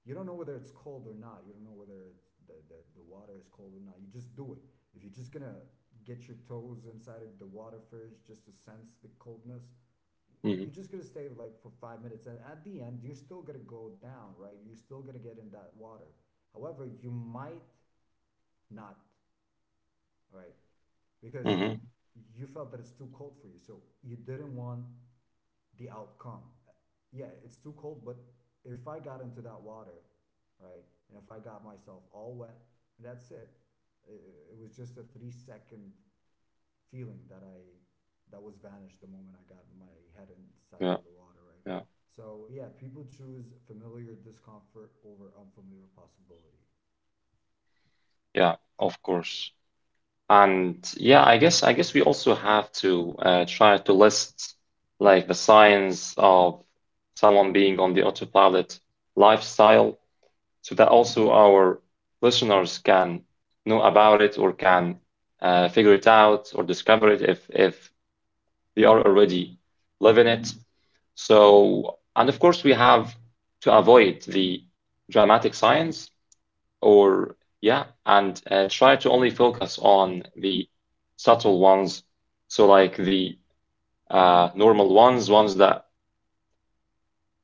[SPEAKER 2] You don't know whether it's cold or not. You don't know whether the water is cold or not. You just do it. If you're just gonna get your toes inside of the water first just to sense the coldness,
[SPEAKER 1] mm-hmm,
[SPEAKER 2] you're just gonna stay like for 5 minutes. And at the end, you're still gonna go down, right? You're still gonna get in that water. However, you might not, right? Because
[SPEAKER 1] mm-hmm,
[SPEAKER 2] you felt that it's too cold for you. So you didn't want the outcome. Yeah, it's too cold, but if I got into that water, right, and if I got myself all wet, that's it. It, it was just a 3 second feeling that was vanished the moment I got my head inside
[SPEAKER 1] yeah,
[SPEAKER 2] of the water, right?
[SPEAKER 1] yeah,
[SPEAKER 2] So yeah, people choose familiar discomfort over unfamiliar possibility.
[SPEAKER 1] yeah. Of course. And yeah, I guess we also have to try to list like the signs of someone being on the autopilot lifestyle so that also our listeners can know about it or can figure it out or discover it if they are already living it. So, and of course we have to avoid the dramatic signs, or yeah, and try to only focus on the subtle ones, so like the normal ones that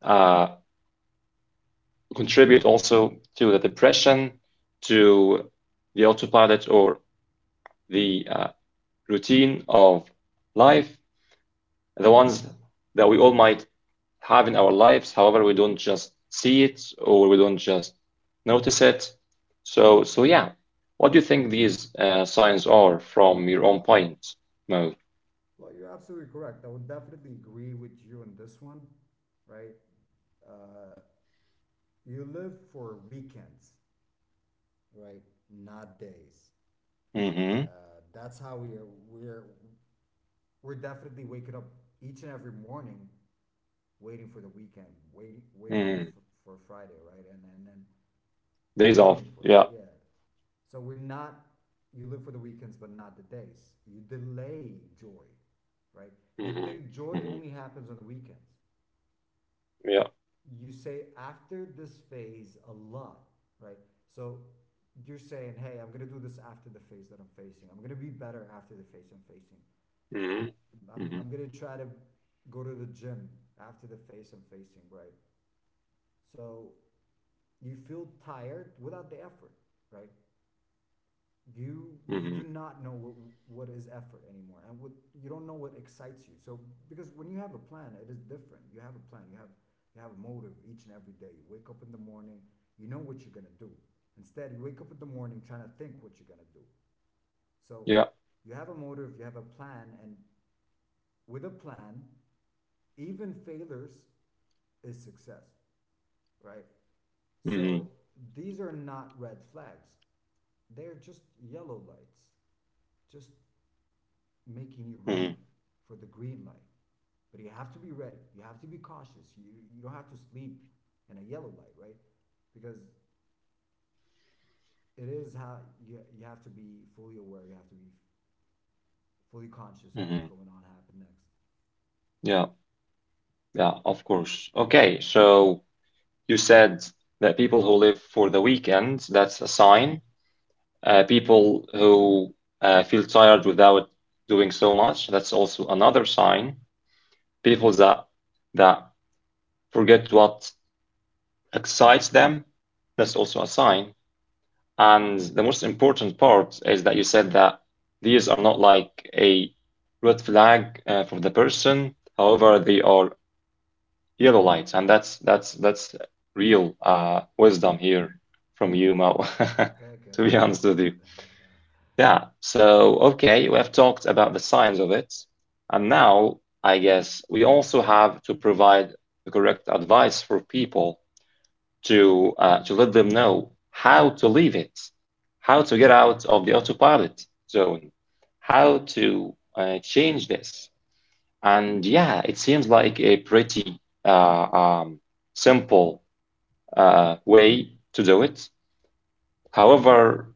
[SPEAKER 1] uh, contribute also to the depression, to the autopilot or the routine of life, the ones that we all might have in our lives. However, we don't just see it or we don't just notice it. So yeah. What do you think these signs are from your own point, Mo?
[SPEAKER 2] Well, you're absolutely correct. I would definitely agree with you on this one, right? Uh, you live for weekends, right? Not days.
[SPEAKER 1] Mm-hmm.
[SPEAKER 2] That's how we are. We're definitely waking up each and every morning, waiting for the weekend, waiting waiting for
[SPEAKER 1] Mm.
[SPEAKER 2] for, Friday, right? And then we're
[SPEAKER 1] Days off.
[SPEAKER 2] waiting for it.
[SPEAKER 1] Yeah.
[SPEAKER 2] Yeah. So we're not. You live for the weekends, but not the days. You delay joy, right? You think
[SPEAKER 1] Mm-hmm.
[SPEAKER 2] joy
[SPEAKER 1] Mm-hmm.
[SPEAKER 2] only happens on the weekends,
[SPEAKER 1] Yeah.
[SPEAKER 2] you say after this phase a lot, right? So you're saying, hey, I'm gonna do this after the phase that I'm facing. I'm gonna be better after the phase I'm facing.
[SPEAKER 1] Mm-hmm.
[SPEAKER 2] I'm,
[SPEAKER 1] Mm-hmm.
[SPEAKER 2] I'm gonna try to go to the gym after the phase I'm facing, right? So you feel tired without the effort, right? You
[SPEAKER 1] Mm-hmm.
[SPEAKER 2] do not know what is effort anymore, and what you don't know what excites you. So because when you have a plan, it is different. You have a plan, you have a motive. Each and every day you wake up in the morning, you know what you're going to do. Instead, you wake up in the morning trying to think what you're going to do. So
[SPEAKER 1] Yeah.
[SPEAKER 2] you have a motive, you have a plan, and with a plan, even failures is success, right?
[SPEAKER 1] Mm-hmm.
[SPEAKER 2] So these are not red flags, they're just yellow lights, just making you
[SPEAKER 1] Mm-hmm.
[SPEAKER 2] ready for the green light. But you have to be ready. You have to be cautious. You don't have to sleep in a yellow light, right? Because it is how you, you have to be fully aware. You have to be fully conscious of what's
[SPEAKER 1] Mm-hmm.
[SPEAKER 2] going on, happen next.
[SPEAKER 1] Yeah. Yeah. Of course. Okay. So you said that people who live for the weekend, that's a sign. People who feel tired without doing so much, that's also another sign. People that forget what excites them, that's also a sign. And the most important part is that you said that these are not like a red flag for the person. However, they are yellow lights, and that's real wisdom here from you, Mo,
[SPEAKER 2] Thank you. I
[SPEAKER 1] to be honest
[SPEAKER 2] appreciate
[SPEAKER 1] with you.
[SPEAKER 2] it.
[SPEAKER 1] Yeah, so okay, we have talked about the science of it, and now I guess we also have to provide the correct advice for people to to let them know how to leave it, how to get out of the autopilot zone, how to change this. And yeah, it seems like a pretty uh, um, simple way to do it. However,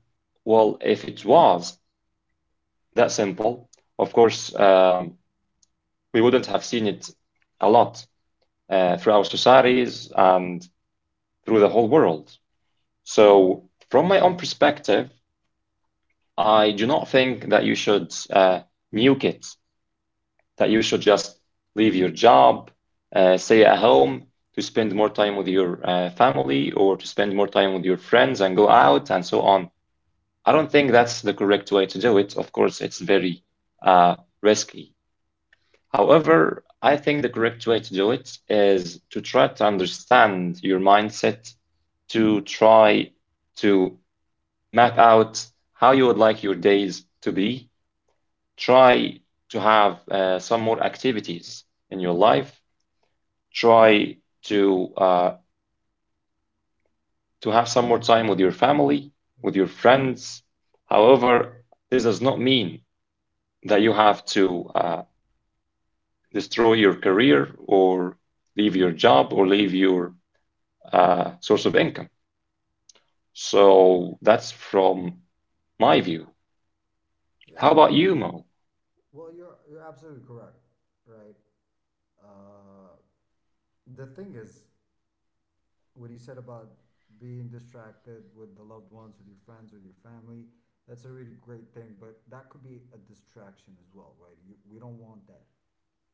[SPEAKER 1] well, if it was that simple. Of course, we wouldn't have seen it a lot through our societies and through the whole world. So, from my own perspective, I do not think that you should nuke it, that you should just leave your job, stay at home to spend more time with your family or to spend more time with your friends and go out and so on. I don't think that's the correct way to do it. Of course, it's very uh, risky. However, I think the correct way to do it is to try to understand your mindset, to try to map out how you would like your days to be, try to have some more activities in your life, try to to have some more time with your family, with your
[SPEAKER 2] Exactly.
[SPEAKER 1] friends. However, this does not mean that you have to destroy your career or leave your job or leave your source of income. So that's from my view. How
[SPEAKER 2] Yeah.
[SPEAKER 1] about you, Mo?
[SPEAKER 2] Well, you're absolutely correct, right? Uh, the thing is, what you said about being distracted with the loved ones, with your friends, with your family, that's a really great thing. But that could be a distraction as well, right? We don't want that,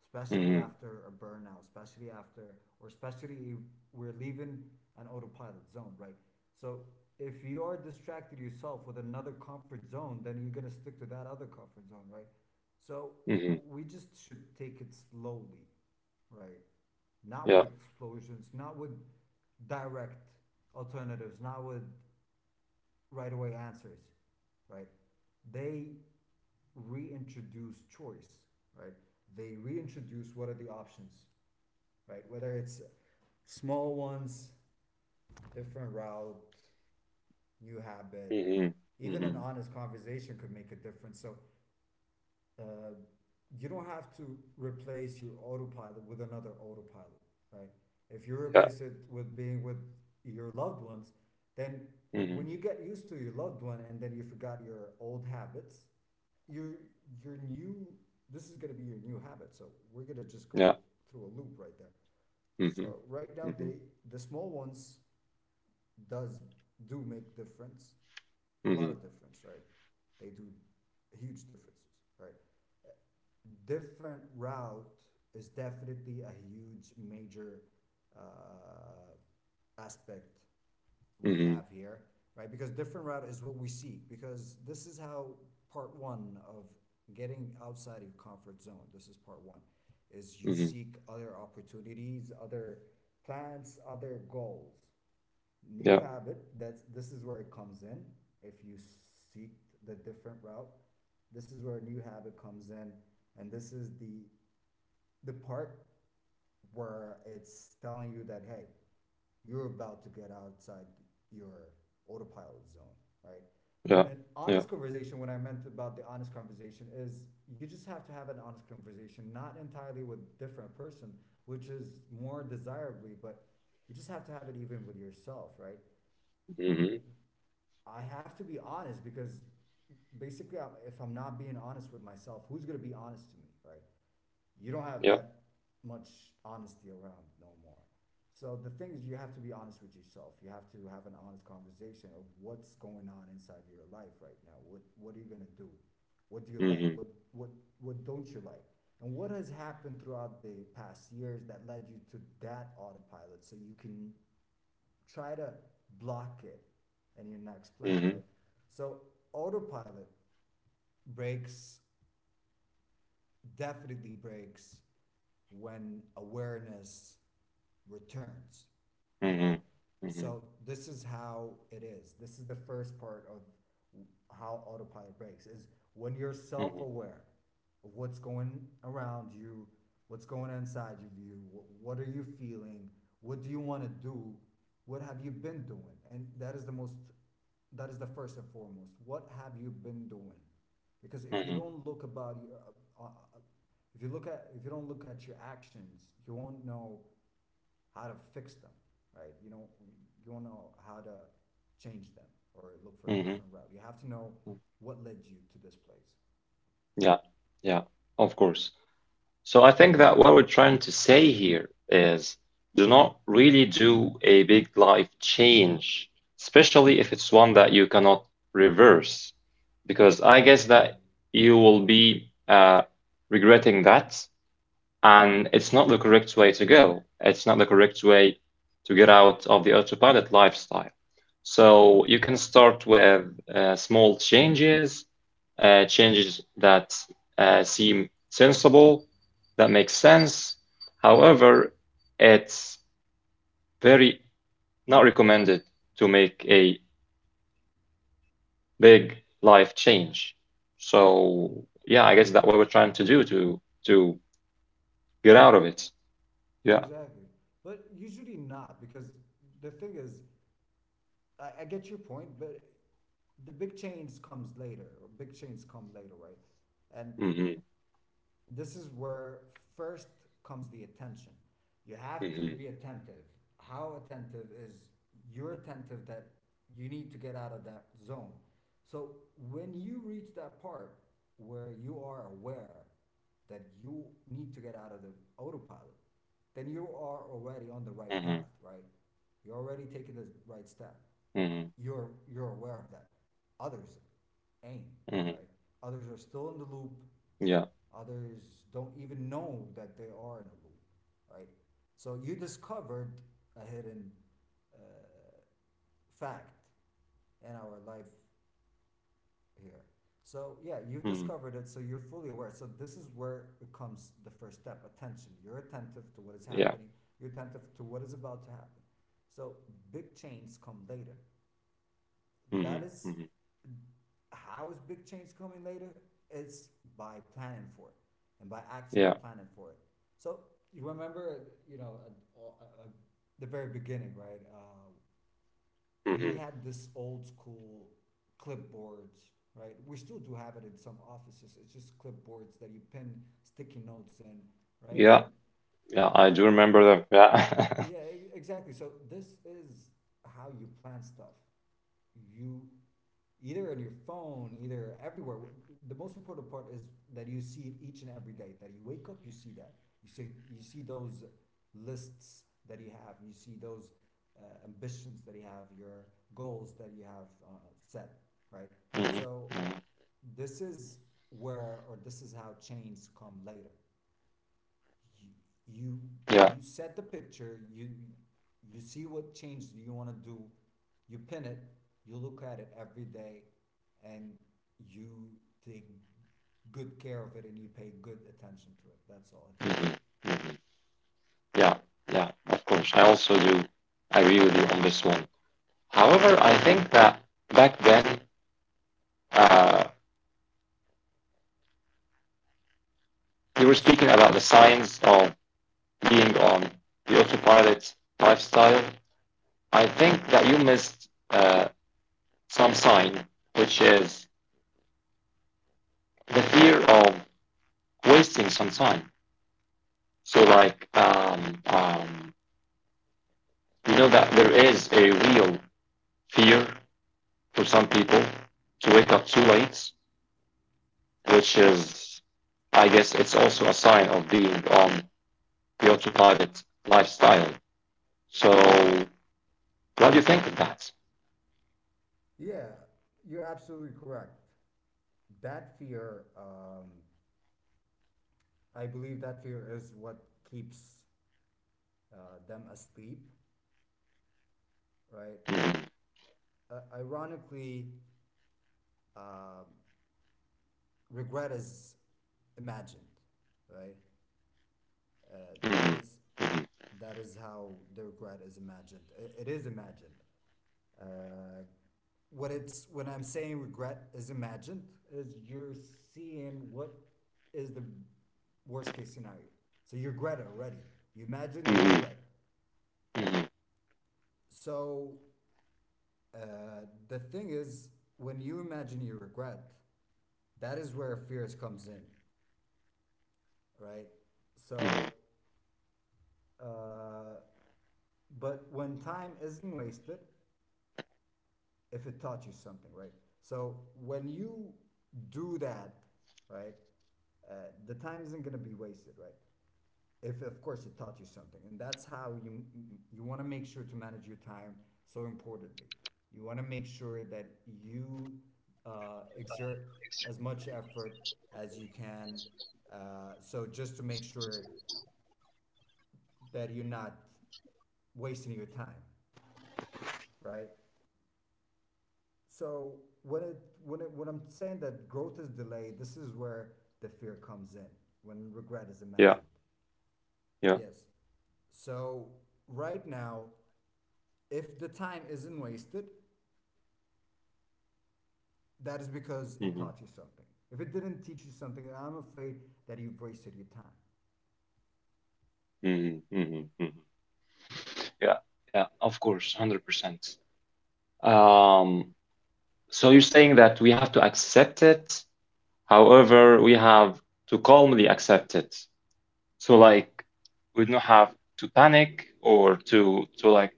[SPEAKER 2] especially
[SPEAKER 1] Hmm.
[SPEAKER 2] after a burnout, especially after, or especially if we're leaving an autopilot zone, right? So if you are distracted yourself with another comfort zone, then you're gonna stick to that other comfort zone, right? So
[SPEAKER 1] Hmm.
[SPEAKER 2] we just should take it slowly, right? Not with
[SPEAKER 1] Yeah.
[SPEAKER 2] explosions, not with direct alternatives, not with right away answers, right? They reintroduce choice, right? They reintroduce what are the options, right? Whether it's small ones, different route, new habit,
[SPEAKER 1] Hmm.
[SPEAKER 2] even an
[SPEAKER 1] Hmm.
[SPEAKER 2] honest conversation could make a difference. So uh, you don't have to replace your autopilot with another autopilot, right? If you
[SPEAKER 1] Yeah.
[SPEAKER 2] replace it with being with your loved ones, then
[SPEAKER 1] Hmm.
[SPEAKER 2] when you get used to your loved one and then you forgot your old habits, your your new this is going to be your new habit. So we're going to just
[SPEAKER 1] Yeah.
[SPEAKER 2] go through a loop right there.
[SPEAKER 1] Hmm.
[SPEAKER 2] So right now
[SPEAKER 1] Hmm.
[SPEAKER 2] the small ones does do make difference, a lot
[SPEAKER 1] Hmm.
[SPEAKER 2] of difference, right? They do huge differences, right? Different route is definitely a huge major uh, aspect we
[SPEAKER 1] Hmm.
[SPEAKER 2] have here, right? Because different route is what we seek. Because this is how part one of getting outside of your comfort zone. This is part one, is you
[SPEAKER 1] Hmm.
[SPEAKER 2] seek other opportunities, other plans, other goals, new
[SPEAKER 1] Yeah.
[SPEAKER 2] habit. That's this is where it comes in. If you seek the different route, this is where a new habit comes in, and this is the part where it's telling you that hey, you're about to get outside your autopilot zone, right? And
[SPEAKER 1] Yeah.
[SPEAKER 2] an
[SPEAKER 1] Yeah.
[SPEAKER 2] honest conversation. What I meant about the honest conversation is you just have to have an honest conversation, not entirely with different person, which is more desirably, but you just have to have it even with yourself, right?
[SPEAKER 1] Hmm.
[SPEAKER 2] I have to be honest because basically, if I'm not being honest with myself, who's gonna be honest to me, right? You don't have
[SPEAKER 1] Yeah.
[SPEAKER 2] that much honesty around no more. So the thing is, you have to be honest with yourself. You have to have an honest conversation of what's going on inside your life right now. What are you gonna do? What do you
[SPEAKER 1] Hmm.
[SPEAKER 2] like?
[SPEAKER 1] Hmm.
[SPEAKER 2] What don't you like? And what has happened throughout the past years that led you to that autopilot? So you can try to block it in your next plan,
[SPEAKER 1] Hmm.
[SPEAKER 2] right? So autopilot breaks, definitely breaks when awareness returns, right?
[SPEAKER 1] Hmm.
[SPEAKER 2] So this is how it is. This is the first part of how autopilot breaks is when you're
[SPEAKER 1] Hmm.
[SPEAKER 2] self-aware of what's going around you, what's going on inside of you, what are you feeling, what do you want to do, what have you been doing? And that is the most, that is the first and foremost. What have you been doing? Because if you
[SPEAKER 1] Hmm.
[SPEAKER 2] don't look about your uh, uh, if you look at, if you don't look at your actions, you won't know how to fix them, right? You don't know how to change them or look for a
[SPEAKER 1] Hmm.
[SPEAKER 2] different route. You have to know what led you to this place.
[SPEAKER 1] Yeah. Yeah. Of course. So I think that what we're trying to say here is, do not really do a big life change, especially if it's one that you cannot reverse, because I guess
[SPEAKER 2] Exactly.
[SPEAKER 1] that you will be regretting that and it's not the correct way to go. It's not the correct way to get out of the autopilot lifestyle. So you can start with small changes, changes that seem sensible, that make sense. However, it's very not recommended to make a big life change. So yeah, I guess that's what we're trying to do to to get out of it. Yeah.
[SPEAKER 2] Exactly. But usually not because the thing is, I get your point, but the big change comes later. Or big changes come later, right? And
[SPEAKER 1] Hmm.
[SPEAKER 2] this is where first comes the attention. You have to
[SPEAKER 1] Hmm.
[SPEAKER 2] be attentive. How attentive is you're attentive that you need to get out of that zone. So when you reach that part where you are aware that you need to get out of the autopilot, then you are already
[SPEAKER 1] Hmm.
[SPEAKER 2] on the right path, right? You're already taking the right step.
[SPEAKER 1] Hmm.
[SPEAKER 2] You're aware of that. Others
[SPEAKER 1] Hmm.
[SPEAKER 2] ain't, right? Others are still in the loop.
[SPEAKER 1] Yeah.
[SPEAKER 2] Others don't even know that they are in a loop, right? So you discovered a hidden uh, fact in our life here. So yeah,
[SPEAKER 1] Hmm.
[SPEAKER 2] you've discovered it, so you're fully aware. So this is where it comes the first step: attention. You're attentive to what is
[SPEAKER 1] Yeah.
[SPEAKER 2] happening. You're attentive to what is about to happen. So big changes come later.
[SPEAKER 1] Hmm.
[SPEAKER 2] That is
[SPEAKER 1] Hmm.
[SPEAKER 2] how is big change coming later? It's by planning for it and by actually
[SPEAKER 1] Yeah.
[SPEAKER 2] planning for it. So you remember, you know, at, the very beginning, right? We
[SPEAKER 1] Hmm.
[SPEAKER 2] had this old school clipboards, right? We still do have it in some offices. It's just clipboards that you pin sticky notes in, right?
[SPEAKER 1] Yeah.
[SPEAKER 2] And
[SPEAKER 1] Yeah. I do remember that. Yeah.
[SPEAKER 2] yeah, exactly. So this is how you plan stuff. You either on your phone, either everywhere. The most important part is that you see it each and every day. That you wake up, you see that. You see those lists that you have. You see those ambitions that you have, your goals that you have set, right?
[SPEAKER 1] Hmm.
[SPEAKER 2] So
[SPEAKER 1] Hmm.
[SPEAKER 2] this is where, or this is how chains come later. you
[SPEAKER 1] Yeah.
[SPEAKER 2] you, set the picture. You see what change you want to do, you pin it, you look at it every day, and you take good care of it, and you pay good attention to it. That's all attention.
[SPEAKER 1] Hmm. Hmm. Yeah. Yeah. Of course. I also do agree with you on this one. However, I think that back then, uh, you were
[SPEAKER 2] Yes.
[SPEAKER 1] speaking about the signs of being on the autopilot lifestyle. I think that you missed some sign, which is the fear of wasting some time. So like um, you know that there is a real fear for some people to wake up too late, which is, I guess, it's also a sign of being on the autopilot lifestyle. So what do you think of that?
[SPEAKER 2] Yeah, you're absolutely correct. That fear, um, I believe that fear is what keeps them asleep, right?
[SPEAKER 1] Mhm,
[SPEAKER 2] Ironically, um regret is imagined, right? Uh, that
[SPEAKER 1] mhm,
[SPEAKER 2] is
[SPEAKER 1] mhm,
[SPEAKER 2] that is how the regret is imagined. I- it is imagined. Uh, what it's when I'm saying regret is imagined is you're seeing what is the worst case scenario. So you regret it already. You imagine you
[SPEAKER 1] mhm,
[SPEAKER 2] regret.
[SPEAKER 1] mhm.
[SPEAKER 2] So the thing is, when you imagine you regret, that is where fears comes in, right? So uh, But when time isn't wasted, if it taught you something, right? So when you do that, right, uh, the time isn't going to be wasted, right? If of course it taught you something, and that's how you want to make sure to manage your time so importantly. You want to make sure that you exert as much effort as you can. So just to make sure that you're not wasting your time, right? So when I'm saying that growth is delayed, this is where the fear comes in when regret is
[SPEAKER 1] Yeah,
[SPEAKER 2] imagined.
[SPEAKER 1] yeah.
[SPEAKER 2] Yes. So right now, if the time isn't wasted, that is because it
[SPEAKER 1] Mhm,
[SPEAKER 2] taught you something. If it didn't teach you something, then I'm afraid that you've wasted your time.
[SPEAKER 1] mhm, mhm, mhm. Yeah, yeah, of course, 100%. Um, so you're saying that we have to accept it. However, we have to calmly accept it. So like we don't have to panic or to like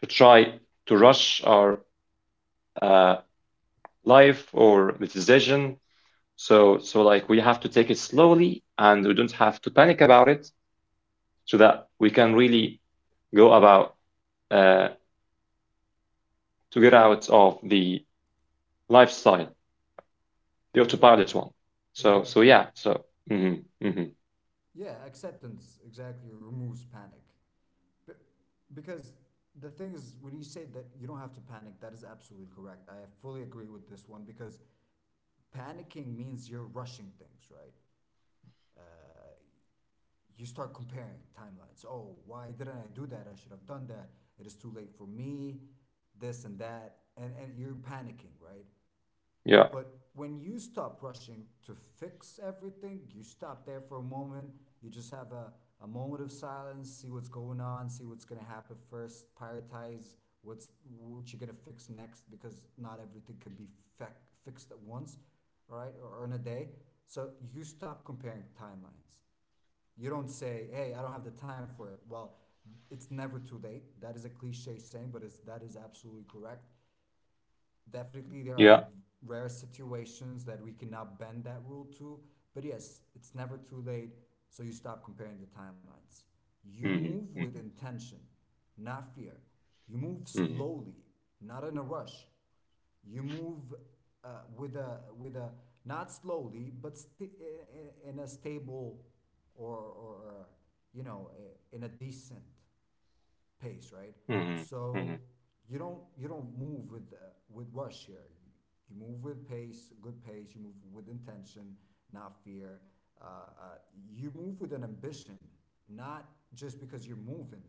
[SPEAKER 1] to try to rush our uh, life or the decision. So like we have to take it slowly and we don't have to panic about it so that we can really go about uh, to get out of the lifestyle, the
[SPEAKER 2] Exactly.
[SPEAKER 1] autopilot one. So so
[SPEAKER 2] Exactly.
[SPEAKER 1] yeah, so Mhm, mhm,
[SPEAKER 2] Yeah, acceptance exactly removes panic. But because the thing is, when you say that you don't have to panic, that is absolutely correct. I fully agree with this one because panicking means you're rushing things, right? Uh, you start comparing timelines. Oh, why didn't I do that? I should have done that. It is too late for me. This and that, and you're panicking, right?
[SPEAKER 1] yeah,
[SPEAKER 2] But when you stop rushing to fix everything, you stop there for a moment, you just have a moment of silence, see what's going on, see what's going to happen first, prioritize what you're going to fix next because not everything can be fixed at once, right? Or in a day. So you stop comparing timelines. You don't say, "Hey, I don't have the time for it." Well, it's never too late. That is a cliche saying, but it's that is absolutely correct. Definitely there are
[SPEAKER 1] yeah.
[SPEAKER 2] rare situations that we cannot bend that rule to, but yes, it's never too late. So you stop comparing the timelines. You
[SPEAKER 1] Mhm,
[SPEAKER 2] move with
[SPEAKER 1] mhm,
[SPEAKER 2] intention, not fear. You move
[SPEAKER 1] mhm.
[SPEAKER 2] slowly, not in a rush. You move with a not slowly but st- in a stable or, or you know in a decent pace, right?
[SPEAKER 1] Mhm,
[SPEAKER 2] So
[SPEAKER 1] mhm,
[SPEAKER 2] you don't move with rush here. You move with pace, good pace. You move with intention, not fear. Uh, uh, you move with an ambition, not just because you're moving,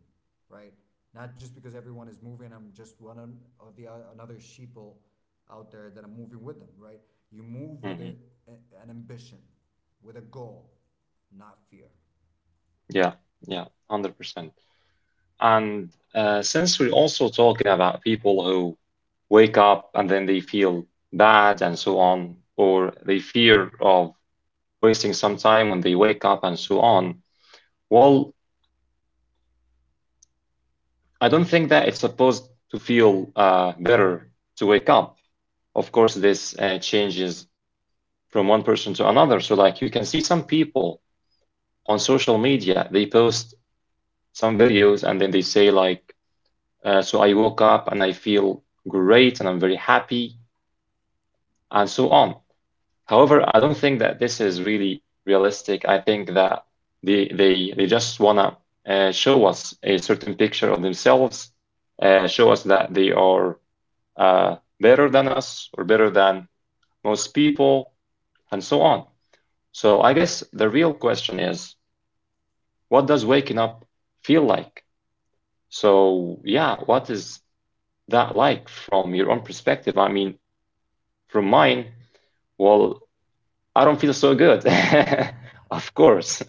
[SPEAKER 2] right? Not just because everyone is moving. I'm just one of the another sheeple out there that I'm moving with them, right? You move with
[SPEAKER 1] mhm.
[SPEAKER 2] an ambition, with a goal, not fear.
[SPEAKER 1] Yeah, yeah, 100%. And since we're also talking about people who wake up and then they feel bad and so on, or they fear of wasting some time when they wake up and so on, well, I don't think that it's supposed to feel better to wake up. Of course, this changes from one person to another. So, like, you can see some people on social media, they post some videos and then they say, like, so I woke up and I feel great and I'm very happy and so on. However, I don't think that this is really realistic. I think that they just wanna show us a certain picture of themselves, show us that they are better than us or better than most people and so on. So I guess the real question is, what does waking up feel like? So yeah, what is that like from your own perspective? I mean, from mine, well, I don't feel so good. Of course.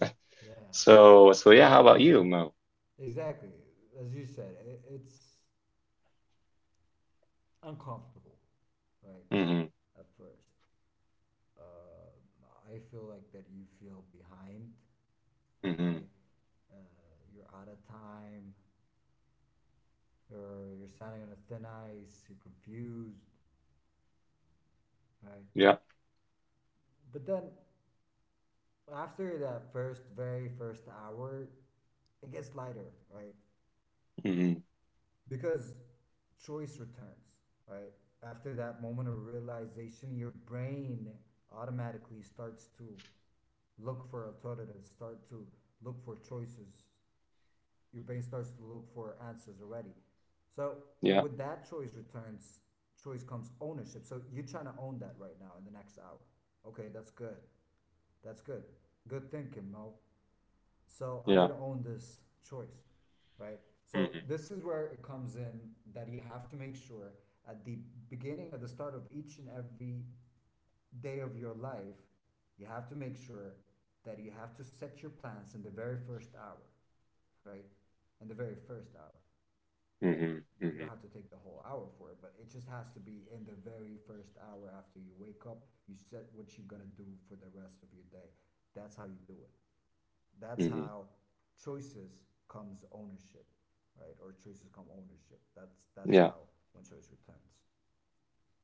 [SPEAKER 2] Yeah,
[SPEAKER 1] So yeah, how about you, Mo?
[SPEAKER 2] exactly. As you said, it's uncomfortable, right?
[SPEAKER 1] Hmm.
[SPEAKER 2] At first, I feel like that you feel behind,
[SPEAKER 1] Hmm.
[SPEAKER 2] right? You're out of time, or you're standing on a thin ice. You're confused, right?
[SPEAKER 1] Yeah.
[SPEAKER 2] But then after that first, very first hour, it gets lighter, right?
[SPEAKER 1] Hmm.
[SPEAKER 2] Because choice returns, right? After that moment of realization, your brain automatically starts to look for alternatives, start to look for choices. Your brain starts to look for answers already. So, and
[SPEAKER 1] Yeah.
[SPEAKER 2] with that choice returns, choice comes ownership. So you're trying to own that right now in the next hour. Okay, that's good. That's good. Good thinking, Mo. So I'm
[SPEAKER 1] Yeah.
[SPEAKER 2] gonna own this choice, right? So
[SPEAKER 1] Hmm.
[SPEAKER 2] this is where it comes in that you have to make sure at the beginning, at the start of each and every day of your life, you have to make sure that you have to set your plans in the very first hour, right? In the very first hour. Like,
[SPEAKER 1] Hmm.
[SPEAKER 2] you don't
[SPEAKER 1] Hmm.
[SPEAKER 2] have to take the whole hour for it, but it just has to be in the very first hour after you wake up. You set what you're gonna do for the rest of your day. That's how you do it. That's
[SPEAKER 1] Hmm.
[SPEAKER 2] how choices comes ownership, right? Or choices come ownership. That's
[SPEAKER 1] Yeah.
[SPEAKER 2] how when choice returns.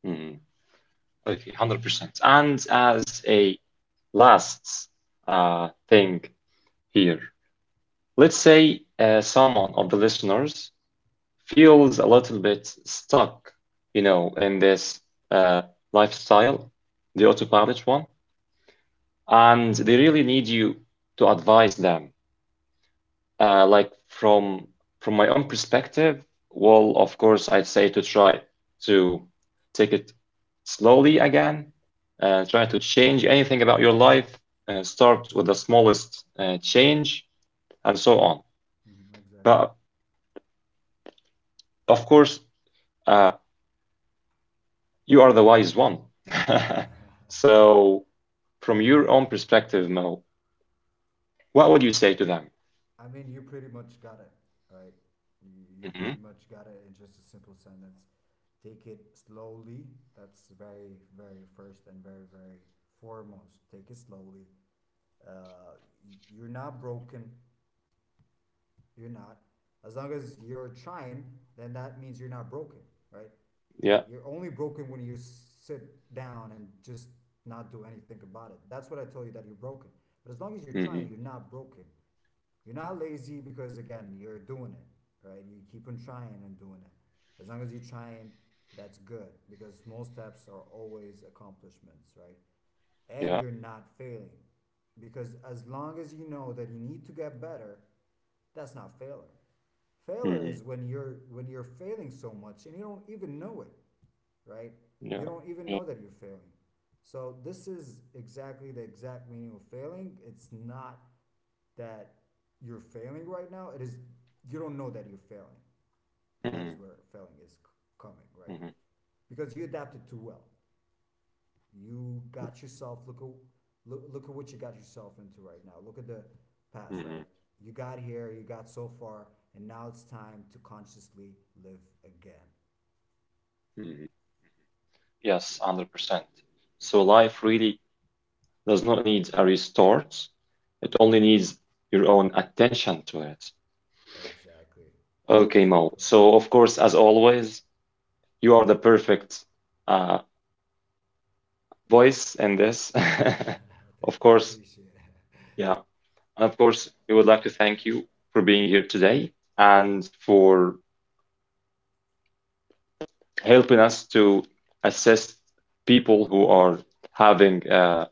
[SPEAKER 1] Hmm. Okay, 100%. And as a last thing here, let's say someone of the listeners feels a little bit stuck, in this uh lifestyle, the autopilot one, and they really need you to advise them. Like from my own perspective, well, of course, I'd say to try to take it slowly again, try to change
[SPEAKER 2] Yeah.
[SPEAKER 1] anything about your life, start with the smallest change, and
[SPEAKER 2] Mhm.
[SPEAKER 1] so on.
[SPEAKER 2] Mhm, exactly.
[SPEAKER 1] But of course, uh, you are the wise one. So, from your own perspective, Mo, what would you say to them?
[SPEAKER 2] I mean, you pretty much got it, right? You
[SPEAKER 1] Hmm.
[SPEAKER 2] pretty much got it in just a simple sentence. Take it slowly. That's very, very first and very, very foremost. Take it slowly. Uh, you're not broken. You're not. As long as you're trying, then that means you're not broken, right?
[SPEAKER 1] Yeah.
[SPEAKER 2] You're only broken when you sit down and just not do anything about it. That's what I tell you that you're broken. But as long as you're
[SPEAKER 1] Hmm.
[SPEAKER 2] trying, you're not broken. You're not lazy because again, you're doing it, right? You keep on trying and doing it. As long as you're trying, that's good because small steps are always accomplishments, right? And
[SPEAKER 1] Yeah.
[SPEAKER 2] you're not failing because as long as you know that you need to get better, that's not failure. Failure
[SPEAKER 1] Mhm.
[SPEAKER 2] is when you're failing so much and you don't even know it, right?
[SPEAKER 1] Yeah,
[SPEAKER 2] You don't even
[SPEAKER 1] yeah.
[SPEAKER 2] know that you're failing. So this is exactly the exact meaning of failing. It's not that you're failing right now, it is you don't know that you're failing. That
[SPEAKER 1] Hmm.
[SPEAKER 2] is where failing is coming, right?
[SPEAKER 1] Hmm.
[SPEAKER 2] Because you adapted too well. You got yourself look, look at what you got yourself into right now. Look at the past,
[SPEAKER 1] Hmm.
[SPEAKER 2] right? You got here, you got so far, and now it's time to consciously live again.
[SPEAKER 1] Hmm. Yes, 100%. So life really does not need a restart. It only needs your own attention to it.
[SPEAKER 2] Exactly. You're
[SPEAKER 1] Okay,
[SPEAKER 2] absolutely
[SPEAKER 1] Mo.
[SPEAKER 2] correct.
[SPEAKER 1] So, of course, as always, you are the perfect uh, voice in this. Of
[SPEAKER 2] Thank you. I
[SPEAKER 1] course,
[SPEAKER 2] appreciate it.
[SPEAKER 1] yeah. And of course, we would like to thank you for being here today and for helping us to assist people who are having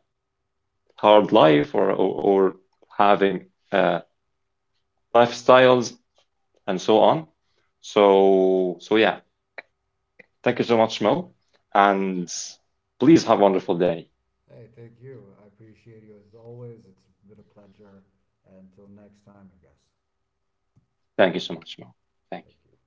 [SPEAKER 1] hard life, or having uh, lifestyles and so on. So yeah, thank you so much, Mo, and please have a wonderful day.
[SPEAKER 2] Hey, thank you. I appreciate you as always. It's been a pleasure. Until next time, I guess.
[SPEAKER 1] Thank you so much, Mo. Thank
[SPEAKER 2] Thank
[SPEAKER 1] you.
[SPEAKER 2] you.